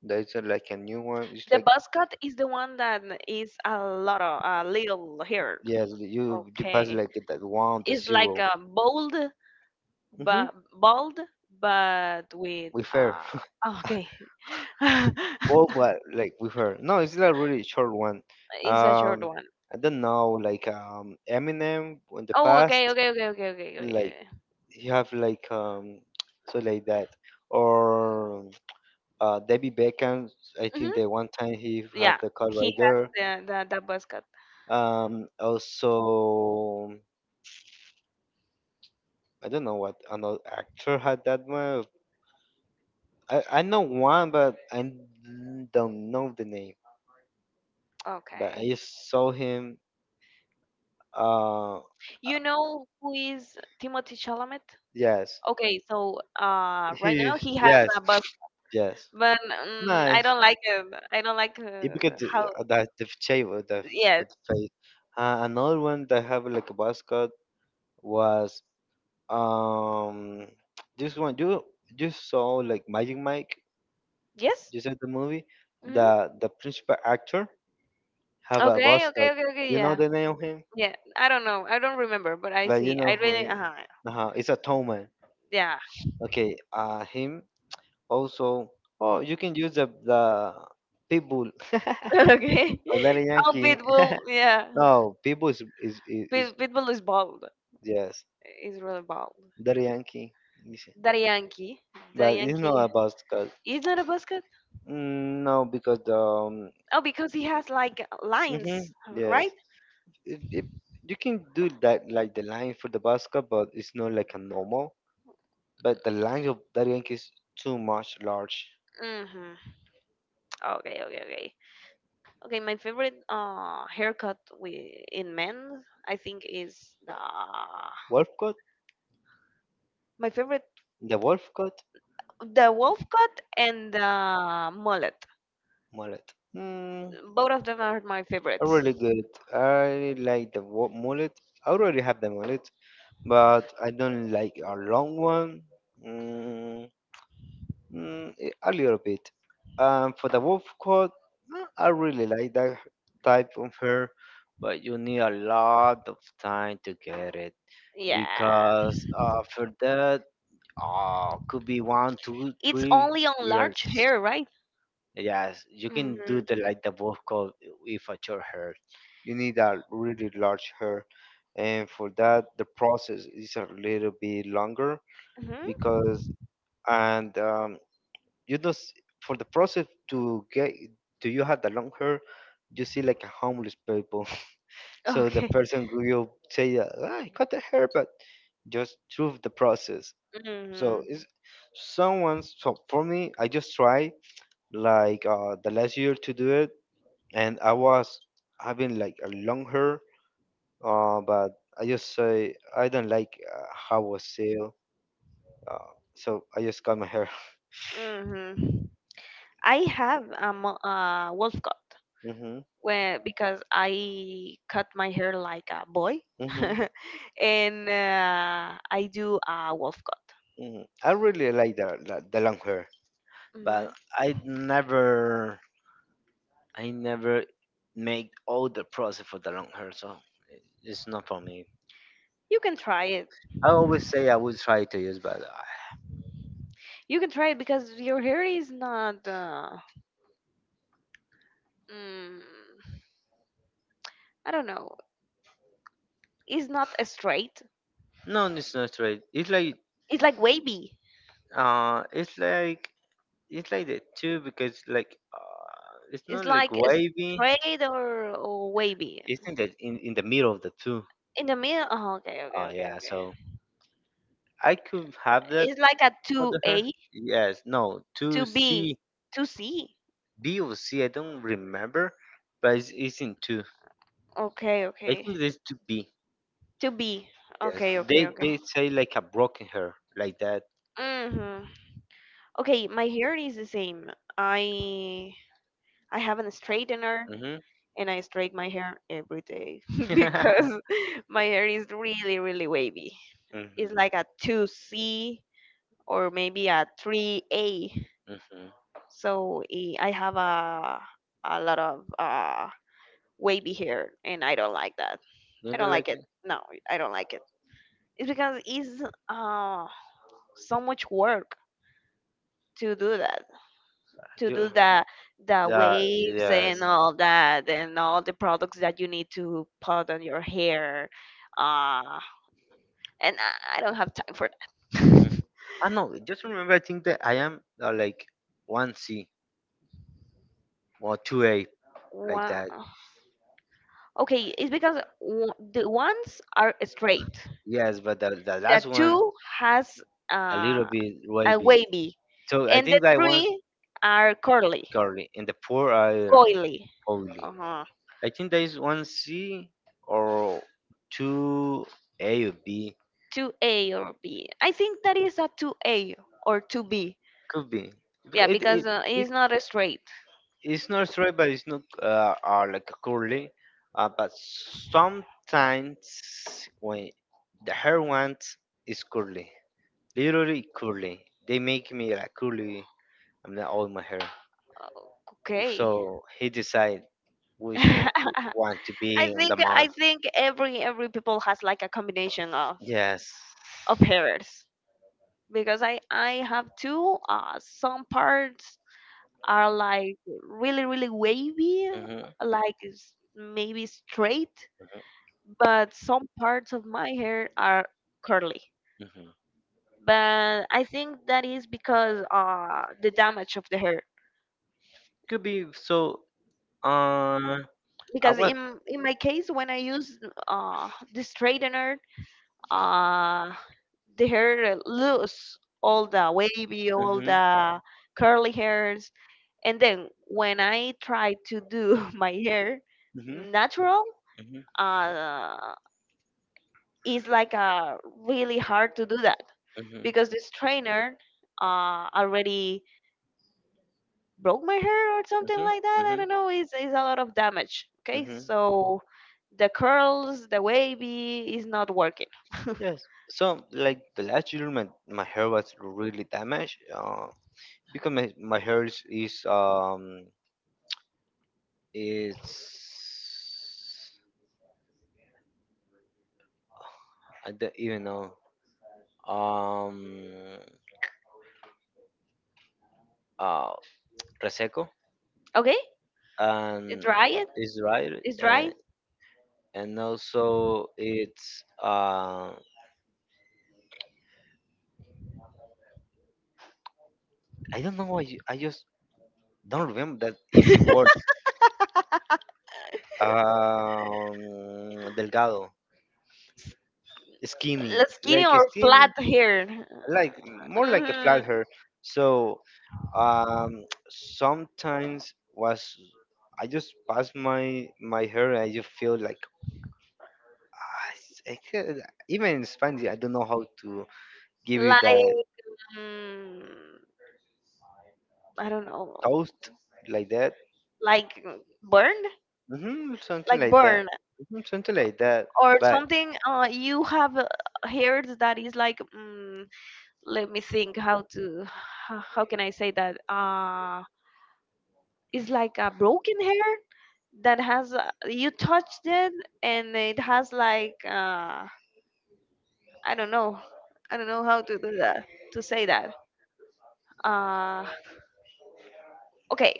A: That's like a new one. It's
B: The
A: like,
B: buzz cut is the one that is a lot of a little hair.
A: yes, you pass
B: Okay.
A: like that one, the
B: It's like
A: zero.
B: a
A: Mm-hmm.
B: bold, but with
A: We fair.
B: oh, okay.
A: Oh, but like with her, no, it's like really short one.
B: It's a short
A: Um,
B: one.
A: I don't know, like Eminem in the
B: Oh,
A: past,
B: okay, okay, okay, okay, okay, okay,
A: like
B: okay.
A: you have like so like that, or Debbie Beckham. I think
B: Mm-hmm.
A: that one time he had
B: Yeah,
A: the Call
B: he has
A: Rider.
B: the, the buzz cut.
A: Also, I don't know what another actor had that one. I know one, but I don't know the name. But I
B: Okay.
A: just saw him. Uh,
B: You know who is Timothy Chalamet?
A: yes.
B: Okay, so right
A: He,
B: now he has
A: yes,
B: a buzz,
A: yes.
B: but I
A: Nice.
B: don't like it. I don't like
A: It because
B: how.
A: the shape of
B: Yes.
A: the face. Another one that have like a mascot was um this one. You saw like Magic Mike.
B: Yes.
A: You saw the movie.
B: Mm-hmm.
A: The principal actor have a
B: Okay.
A: mascot.
B: Okay. Okay. Okay.
A: You know
B: Yeah.
A: the name of him,
B: Yeah, I don't know. I don't remember, but I
A: but you
B: see.
A: know
B: I
A: who.
B: really,
A: It's a tall man.
B: yeah.
A: Okay. Him. Also, oh, you can use the pitbull
B: Okay.
A: or Daddy
B: Oh,
A: Yankee.
B: Pitbull, yeah.
A: No, pitbull is
B: Pit, Pitbull is bald.
A: yes,
B: He's really bald.
A: Daddy Yankee. Yes.
B: Daddy Yankee, Daddy
A: But it's not
B: Yankee
A: about cause
B: is not a buzzcut.
A: no because the
B: Oh, because he has like
A: hmm
B: lines,
A: yes,
B: right?
A: it, you can do that like the line for the basket, but it's not like a normal. But the line of Daddy Yankee is too much large.
B: Mm-hmm. Okay, okay, okay. Okay, my favorite haircut we, in men, I think, is the
A: Wolf cut,
B: my favorite
A: the wolf cut,
B: the wolf cut and the mullet.
A: mullet. Hmm.
B: Both of them are my favorite.
A: I'm really good. I like the mullet. I already have the mullet, but I don't like a long one. Mm, a little bit. For the wolf coat, I really like that type of hair, but you need a lot of time to get it,
B: Yeah.
A: because for that, could be one, two,
B: It's
A: three
B: only on large
A: years.
B: hair, right?
A: Yes, you can do
B: Mm-hmm.
A: the like the vocal if a short hair. You need a really large hair, and for that the process is a little bit longer,
B: Mm-hmm.
A: because and you know for the process to get, do you have the long hair, you see like a homeless people. So the
B: Okay.
A: person will say, "Ah, I cut the hair," but just through the process. So
B: Mm-hmm.
A: it's someone. So for me, I just try like the last year to do it, and I was having like a long hair, but I just say I don't like how was still, so I just cut my hair.
B: Mm-hmm. I have a wolf cut
A: Hmm.
B: where, because I cut my hair like a boy
A: Hmm.
B: and I do a wolf cut.
A: Hmm. I really like the long hair,
B: Hmm.
A: but I never I never make all the process for the long hair, so it's not for me.
B: You can try it.
A: I always say I will try to use, but
B: You can try it because your hair is not, mm, I don't know, it's not a straight.
A: no, it's not right. It's like
B: It's like wavy.
A: uh, it's like it's like that too, because like it's not
B: It's
A: like
B: like a
A: wavy,
B: straight or wavy.
A: it's in the in the middle of the two? Oh
B: In the middle. Oh, okay, okay, okay,
A: yeah,
B: okay.
A: so I could have that
B: It's like a
A: under her,
B: 2A,
A: yes no two c,
B: 2B, 2C.
A: b or c, I don't remember, but it's in two.
B: Okay,
A: I
B: okay.
A: think there's two b,
B: 2B.
A: yes
B: Okay, okay, okay.
A: they say like a broken hair like that.
B: Mhm. Okay, my hair is the same. I I have a straightener
A: Mm-hmm.
B: and I straighten my hair every day because
A: Mm-hmm.
B: my hair is really really wavy. It's like a 2C or maybe a 3A.
A: Mm-hmm.
B: So I have a lot of wavy hair, and I don't like that. I
A: Don't they
B: don't like
A: like
B: it.
A: it?
B: No, I don't like it. It's because it's uh, so much work to do that, to do
A: You-
B: the
A: yeah,
B: waves
A: yes.
B: and all that, and all the products that you need to put on your hair. Uh, and I don't have time for that.
A: I know. Just remember, I think that I am like one C or two A, like
B: Wow.
A: that.
B: Okay, it's because w- the ones are straight.
A: Yes, but the
B: The
A: last one
B: two has
A: a little
B: uh,
A: bit
B: a
A: wavy.
B: wavy,
A: So I
B: and the
A: think that one's
B: three are curly,
A: curly, and the four are
B: coily.
A: holy.
B: Uh-huh.
A: I think there is one C or two A or B.
B: 2A or B. I think that is a 2A or 2B.
A: Could be. Because
B: Yeah, because
A: it,
B: it's not a straight.
A: it's not straight, but it's not like curly. But sometimes when the hair ones is curly. Literally curly. They make me like curly. I'm not all my hair.
B: Okay.
A: So he decide which one could want to be on the
B: I
A: month.
B: think every people has like a combination
A: Yes.
B: of hairs. Because I have two. Some parts are like really really wavy,
A: Mhm.
B: like maybe straight,
A: Mhm.
B: but some parts of my hair are curly.
A: Mhm.
B: But I think that is because the damage of the hair.
A: Could be so. Uh, I
B: Because
A: was.
B: in my case, when I use the straightener, uh the hair lose all the wavy, all
A: Mhm.
B: the curly hairs. And then when I try to do my hair
A: Mhm.
B: natural,
A: Mhm.
B: uh, it's like really hard to do that
A: Mhm.
B: because this trainer already broke my hair or something
A: Mhm.
B: like that. I
A: Mhm.
B: don't know. It's a lot of damage. Okay,
A: Mhm.
B: so the curls, the wavy is not working.
A: Yes. So like the last year, my hair was really damaged. Because my hair is it's, I don't even know. Um, uh, Reseco,
B: Okay, it's
A: and
B: dry.
A: it's right,
B: It's dry.
A: and and also it's I don't know why you, I just don't remember that easy word. Delgado,
B: Skinny or
A: skinny,
B: flat hair.
A: like more like a flat
B: Mhm.
A: hair. So sometimes was, I just pass my my hair and I just feel like I could, even in Spanish, I don't know how to give you that
B: Like Mm, I don't know,
A: toast like that.
B: like burn,
A: Hmm, something
B: like
A: like that.
B: burn
A: Hmm, something like that.
B: or
A: But
B: something. You have heard that is like, let me think how to, how can I say that? It's like a broken hair that has you touched it and it has like I don't know, I don't know how to do that to say that. Uh, okay,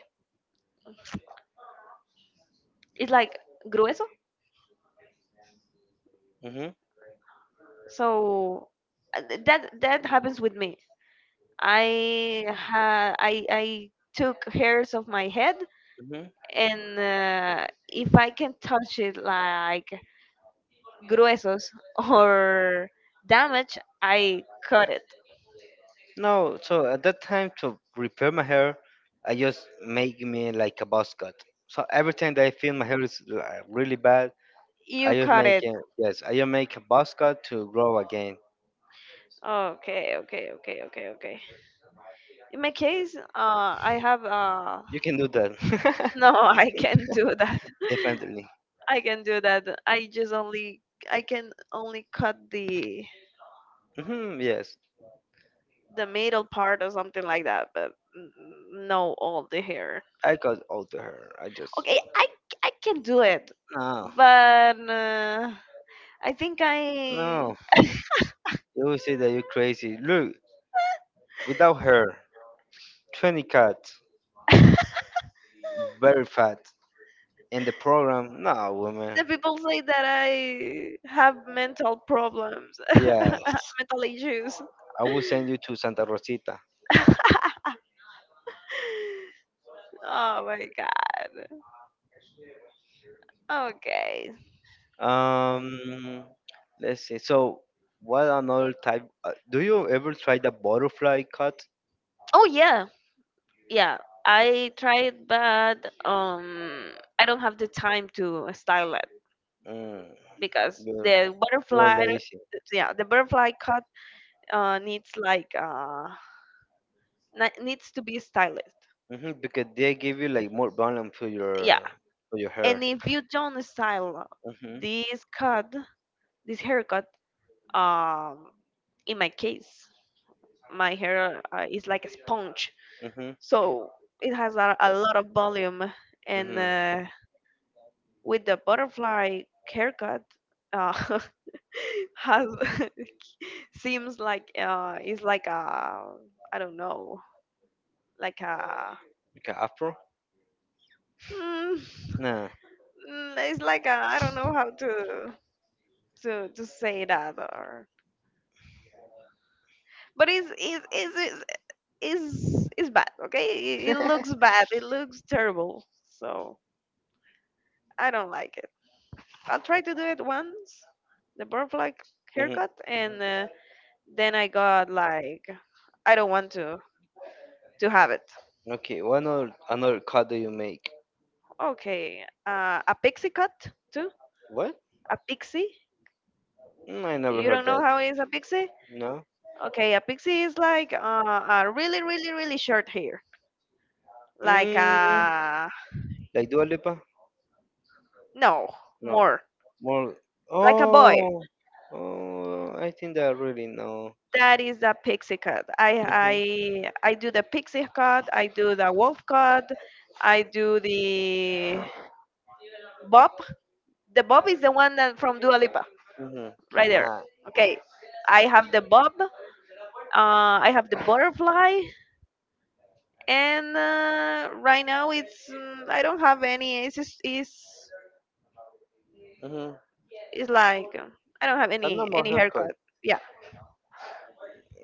B: it's like grueso.
A: hmm
B: So that happens with me. I ha- i i took hairs of my head,
A: hmm
B: and if I can touch it like gruesos or damage, I cut it.
A: no, so at that time to repair my hair, I just make me like a buzz cut. So every time that I feel my hair is like, really bad, I
B: You
A: just
B: cut
A: make
B: it.
A: it. Yes, I just make a buzz cut to grow again.
B: Okay, okay, okay, okay, okay. In my case, I have uh,
A: You can do that.
B: no, I can't do that.
A: Definitely.
B: I can do that. I just only I can only cut
A: Hmm, yes,
B: the middle part or something like that, but no all the hair.
A: I got all to her. I just
B: Okay, I can do it,
A: no,
B: but I think I
A: no. You will say that you're crazy. Look, without her, 20 cats, very fat. In the program, no woman.
B: the people say that I have mental problems,
A: Yes,
B: mental issues.
A: I will send you to Santa Rosita.
B: Oh my god. Okay.
A: Um, let's see. So, what another type? Do you ever try the butterfly cut?
B: Oh yeah, yeah. I tried, but I don't have the time to style
A: Mm,
B: because
A: you're
B: the
A: you're
B: butterfly,
A: lazy.
B: yeah, the butterfly cut needs like needs to be stylized.
A: Hmm, because they give you like more volume
B: Yeah,
A: to your hair.
B: and if you don't style
A: Mhm.
B: this cut, this haircut, um in my case my hair is like a sponge,
A: Mhm.
B: so it has a lot of volume, and
A: Mhm.
B: with the butterfly haircut, uh, has seems like is like a, I don't know, like a,
A: Okay, afro?
B: mm,
A: Nah.
B: it's like a, I don't know how to to say that, or but it's it's bad. Okay, it looks bad, it looks terrible, so I don't like it. I'll try to do it once, the butterfly
A: Mhm.
B: haircut, and then I got like, I don't want to have it.
A: Okay, what another another cut do you make?
B: Okay, a pixie cut too?
A: What?
B: A pixie?
A: Mm, I never
B: You
A: heard
B: don't know
A: that.
B: how is a pixie?
A: No.
B: Okay, a pixie is like a really, really, really short hair. Like
A: Mm,
B: a,
A: like Dua Lipa?
B: no,
A: No.
B: more,
A: More.
B: like a boy.
A: Oh. Oh. I think that I really know.
B: That is the pixie cut. I
A: Mhm.
B: I do the pixie cut. I do the wolf cut. I do the bob. The bob is the one that from Dua Lipa,
A: Mhm. Uh-huh.
B: right there.
A: Uh-huh.
B: Okay, I have the bob. I have the butterfly. And right now it's mm, I don't have any. It's just
A: Mhm.
B: it's like I don't have
A: A normal
B: any haircut.
A: haircut.
B: Yeah.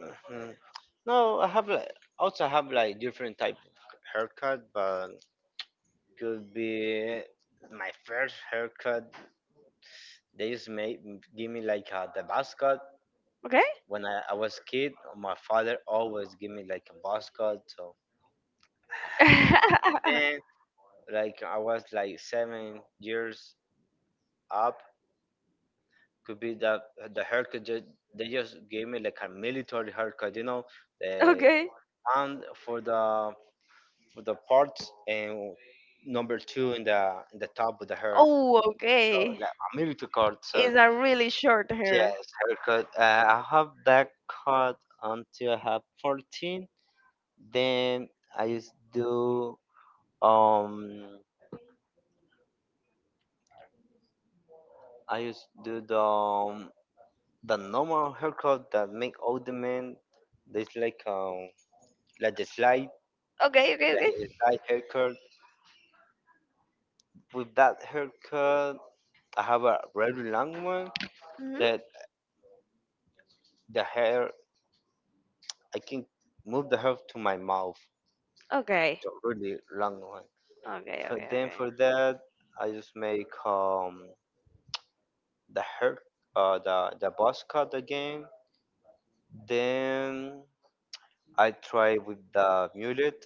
A: Mhm. No, I have like also have like different type of haircut, but could be my first haircut. They used to make give me like a the buzz cut
B: Okay.
A: when I was kid. My father always give me like a buzz cut. So then, like I was like 7 years up, could be that the haircut just, they just gave me like a military haircut, you know, uh,
B: Okay.
A: and for the parts and number two in the top of the hair,
B: Oh,
A: so
B: okay.
A: like a military cut, so
B: It's a really short hair.
A: yes haircut. I have that cut until I have 14, then i used do um I used do the normal haircut that make all the men, there's like the slide.
B: Okay. Okay.
A: Yeah,
B: Okay.
A: it's that haircut. With that haircut, I have a very long one
B: Mhm.
A: that the hair, I can move the hair to my mouth.
B: Okay.
A: It's a really long one.
B: Okay.
A: For
B: Okay.
A: then
B: Okay.
A: for that, I just make the hair, the buzz cut again. Then I try with the mullet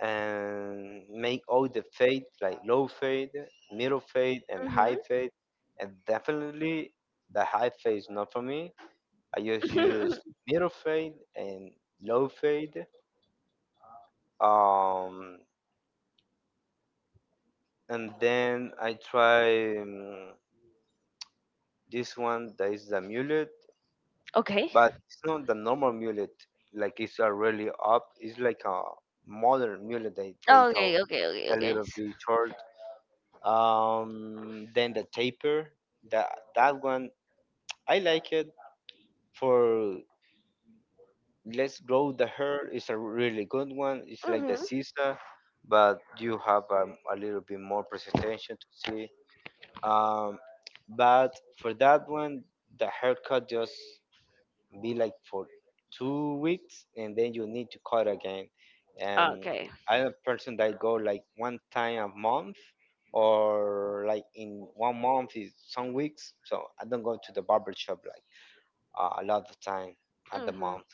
A: and make all the fade like low fade, middle fade, and
B: Mhm.
A: high fade. And definitely the high fade is not for me, I just use middle fade and low fade. Um, and then I try this one that is the mullet,
B: Okay.
A: but it's not the normal mullet. Like it's a really up. It's like a modern mullet, they tell
B: Okay. Okay. Okay.
A: a
B: Okay.
A: little bit short. Then the taper, that that one I like it for Let's Grow the Hair is a really good one. It's like the
B: Mhm.
A: Sisa, but you have a little bit more presentation to see. Um, but for that one, the haircut just be like for 2 weeks, and then you need to cut again. And
B: Okay.
A: I'm a person that go like one time a month, or like in one month is some weeks. So I don't go to the barber shop like, a lot of time at the
B: Mm-hmm.
A: month.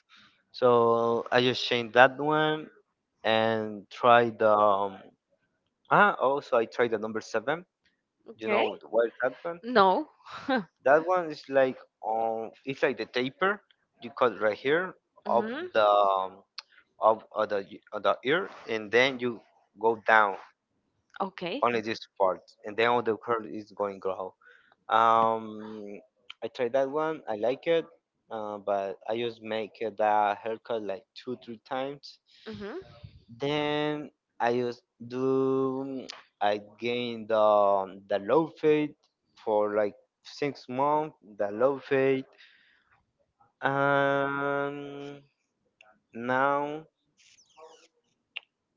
A: So I just changed that one and tried the. Ah, also I tried the number seven. You
B: Okay.
A: know what is that one?
B: No.
A: That one is like, it's like the taper. You cut right here of
B: Mm-hmm.
A: the um, of, of the of the ear, and then you go down
B: Okay.
A: only this part, and then all the curl is going grow. Um, I tried that one. I like it, but I just make that haircut like two, three times.
B: Mm-hmm.
A: Then I just do. I gain the low fade for like 6 months. The low fade, and now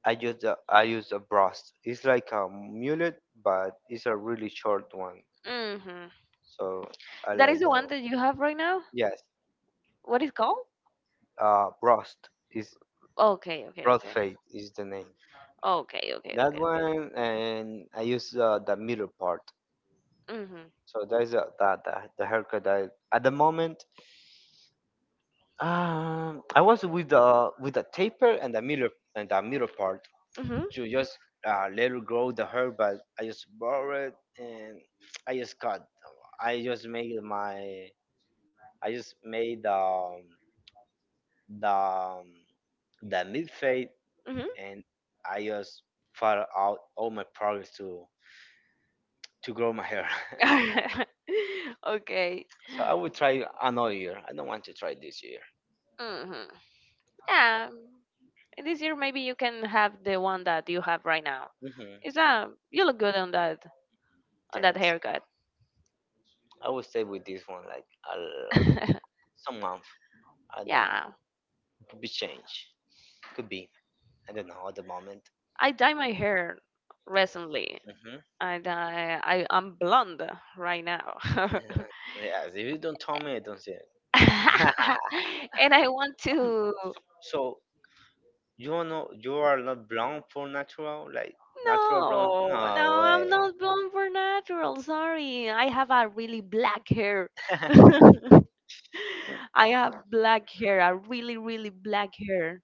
A: I use a brush. It's like a mullet, but it's a really short one.
B: Mm-hmm.
A: So I
B: That is
A: like
B: the one
A: that.
B: that you have right now?
A: Yes,
B: What is called?
A: brush is
B: Okay, okay,
A: Broad
B: okay.
A: fade is the name.
B: Okay, okay,
A: That
B: okay, okay.
A: one, and I use the middle part.
B: Mm-hmm.
A: So that's the haircut. That, at the moment, I was with the taper and the middle part to just let it grow the hair, but I just borrow it and I just cut. I just made my I just made the um, the mid fade,
B: Mm-hmm. Mm-hmm.
A: and I just far out all my progress to grow my hair.
B: Okay.
A: So I will try another year. I don't want to try this year.
B: Mm-hmm. Yeah. And this year maybe you can have the one that you have right now.
A: Hmm.
B: Is uh? You look good on that, on that
A: Thanks.
B: haircut.
A: I will stay with this one like some month. I don't.
B: Yeah.
A: Could be change. Could be. I don't know at the moment.
B: I dye my hair recently.
A: Hmm.
B: I dye, I'm blonde right now.
A: Yes. If you don't tell me, I don't see it.
B: And I want to.
A: So you are not blonde for natural, like natural blonde.
B: No,
A: No
B: no,
A: way.
B: I'm not blonde for natural. Sorry. I have a really black hair. I have black hair, a really, really black hair.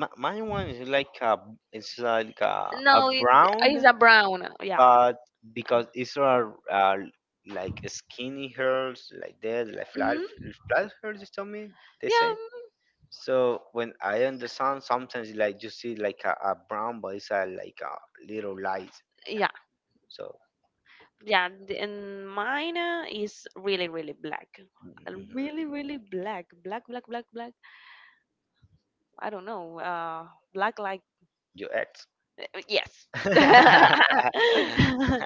A: Mine one is like a, it's like a
B: No,
A: brown.
B: it's a brown. Yeah.
A: But because Israel are like skinny girls, like that, like flat,
B: Hmm.
A: flat girls, you tell me, they
B: Yeah.
A: say.
B: Mm.
A: So when I understand, sometimes like you see like a brown, but it's a, like a little light.
B: Yeah.
A: So.
B: Yeah, the- and mine is really, really black.
A: Mhm.
B: Really, really black. Black, black, black, black. I don't know. Black like
A: You act.
B: yes.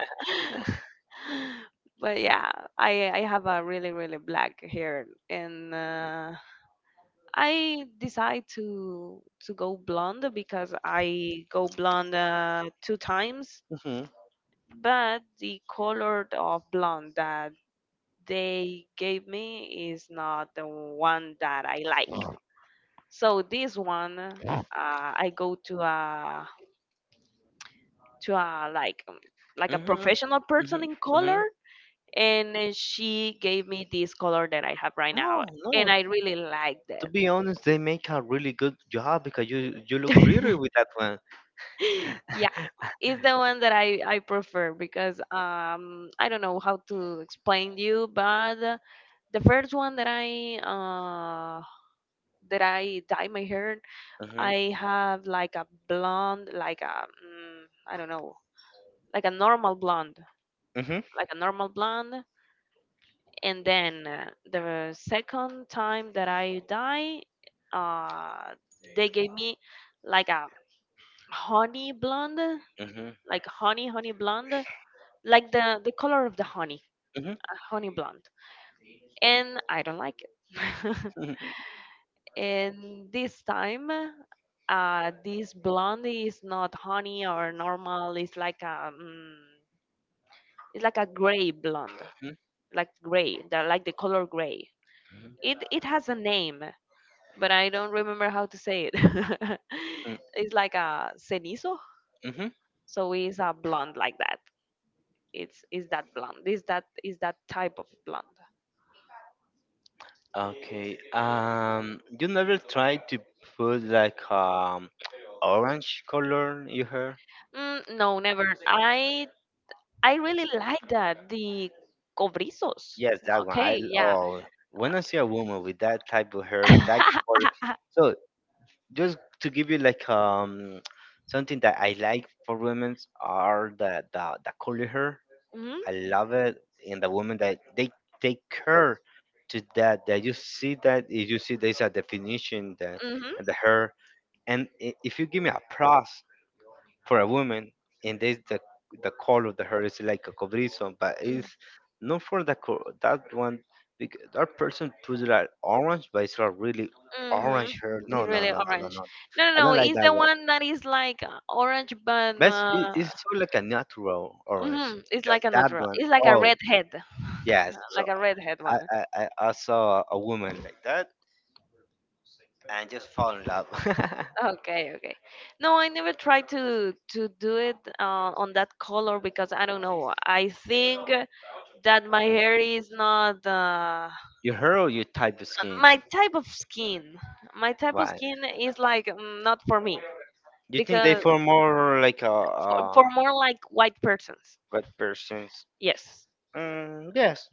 B: But yeah, I have a really, really black hair, and I decide to go blonde because I go blonde two times.
A: Mhm,
B: But the color of blonde that they gave me is not the one that I like. So this one, I go to a, to a like a
A: mhm,
B: professional person
A: mhm,
B: in color,
A: mhm.
B: and she gave me this color that I have right now,
A: No, no.
B: and I really like
A: To
B: that.
A: be honest, they make a really good job because you look pretty with that one.
B: Yeah, it's the one that I prefer because I don't know how to explain you, but the first one that I dye my hair,
A: Mhm,
B: I have like a blonde, like a mm, I don't know, like a normal blonde,
A: mhm,
B: like a normal blonde. And then the second time that I die, uh, they gave me like a honey blonde,
A: mhm,
B: like honey, honey blonde, like the color of the honey,
A: mhm,
B: honey blonde. And I don't like it.
A: mhm,
B: And this time, this blonde is not honey or normal. It's like a mm, it's like a gray blonde,
A: mhm,
B: like gray, like the color gray.
A: mhm.
B: It has a name, but I don't remember how to say it.
A: Mhm.
B: It's like a cenizo,
A: Mm-hmm.
B: so it's a blonde like that. It's, is that blonde? Is that type of blonde?
A: Okay. You never tried to put like orange color in your hair?
B: Mm, no, never. I really like that the cobrizos.
A: Yes, that one. I
B: Okay, yeah.
A: Oh, when I see a woman with that type of hair, that color. So just to give you like something that I like for women are the curly hair.
B: Mhm.
A: I love it, and the women that they take care to that. That you see that if you see there's a definition that,
B: Mhm.
A: and the hair. And if you give me a prize for a woman, and there's the color of the hair is like a cobrizo, but
B: Mm.
A: it's not for the that one, because that person puts it like orange, but it's not really orange
B: Mhm.
A: hair. No,
B: It's
A: no,
B: really
A: no, no, no,
B: orange.
A: no.
B: No, no,
A: I
B: no.
A: don't like
B: It's
A: that
B: the
A: one,
B: one that is like orange, but
A: but it's, it's so like a natural orange.
B: mhm, it's
A: Yeah,
B: like a
A: that
B: natural.
A: one.
B: It's
A: Oh yes, so
B: like a redhead
A: I,
B: one.
A: I i I saw a woman like that and just fall in love.
B: Okay, okay. No, I never tried to do it on that color because I don't know. I think that my hair is not.
A: Your hair or your type of skin?
B: My type of skin my type of
A: Why?
B: skin is like mm, not for me
A: You think they
B: because
A: feel more like a,
B: for
A: a
B: more like white persons,
A: white persons?
B: yes,
A: Mm, yes,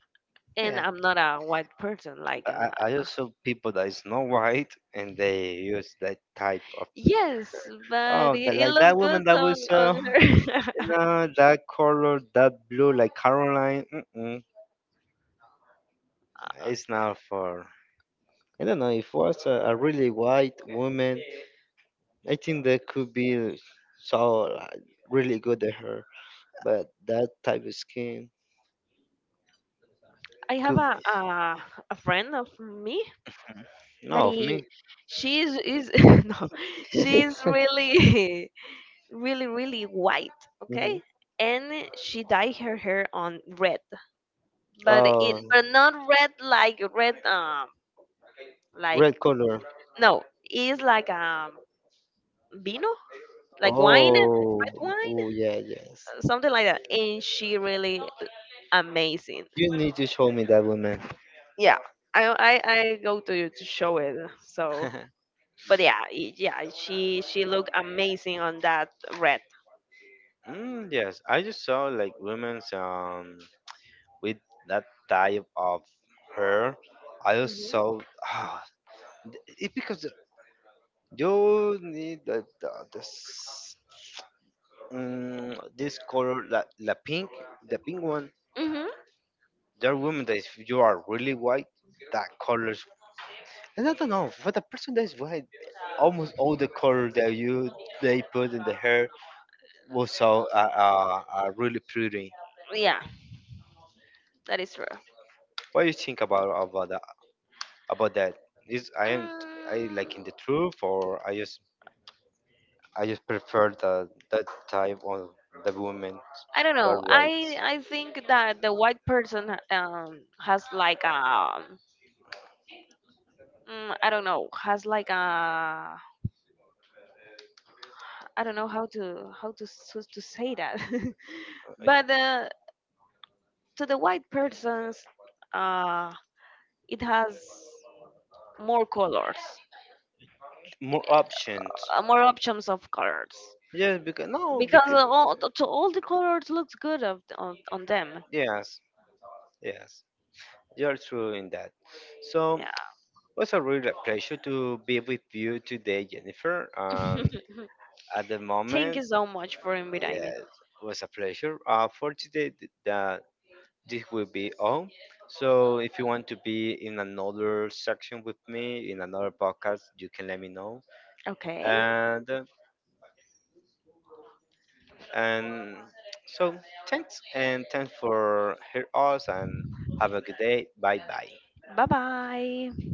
B: and
A: yeah.
B: I'm not a white person like
A: I, I also people that is not white and they use that type of.
B: yes, but
A: Oh, the,
B: it
A: like
B: looks
A: that woman
B: good
A: that was
B: on her.
A: you
B: Okay.
A: know that color, that blue, like Caroline. Mm-mm, it's not for. I don't know. If it was a really white woman, I think that could be so like, really good at her. But that type of skin
B: I have
A: could.
B: a friend of me that
A: No, of
B: he,
A: me.
B: she is no, she is really, really, really white,
A: Hmm.
B: okay? And she dyed her hair on red, but
A: Uh,
B: it, but not red like red, like,
A: Red color.
B: no, it's like vino, like wine,
A: Oh,
B: red wine,
A: oh yeah, yes.
B: something like that. And she really amazing.
A: You need to show me that woman.
B: Yeah, I I go to you to show it. So, but yeah, it- yeah, she looked amazing on that red.
A: Mm, yes, I just saw like women's with that type of hair. I just
B: Mhm.
A: saw ah, it because you need the this this color la, pink, the pink one.
B: Mhm.
A: There are women that if you are really white, that colors. And I don't know, for the person that's white, almost all the color that you they put in the hair was so really pretty.
B: Yeah, that is true.
A: What do you think about that? About that? Is I am I like in the
B: Mm,
A: truth, or I just prefer the that type of the women
B: I don't
A: that are
B: know.
A: white.
B: I think that the white person has like a mm, I don't know, has like a, I don't know how to to say that,
A: Uh,
B: but to the white persons uh it has more colors,
A: More options.
B: more options of colors
A: Yes, because no,
B: because
A: because
B: all to all the colors looks good of, on them.
A: yes, yes, you're true in that. So
B: Yeah.
A: was a real pleasure to be with you today, Jennifer.
B: Mhm.
A: At the
B: Thank
A: moment,
B: you so much for inviting me.
A: yeah, it was a pleasure. For today, that this will be all. So, if you want to be in another section with me in another podcast, you can let me know.
B: Okay.
A: And uh, and so, thanks and thanks for hearing us and have a good day. Bye bye.
B: Bye bye.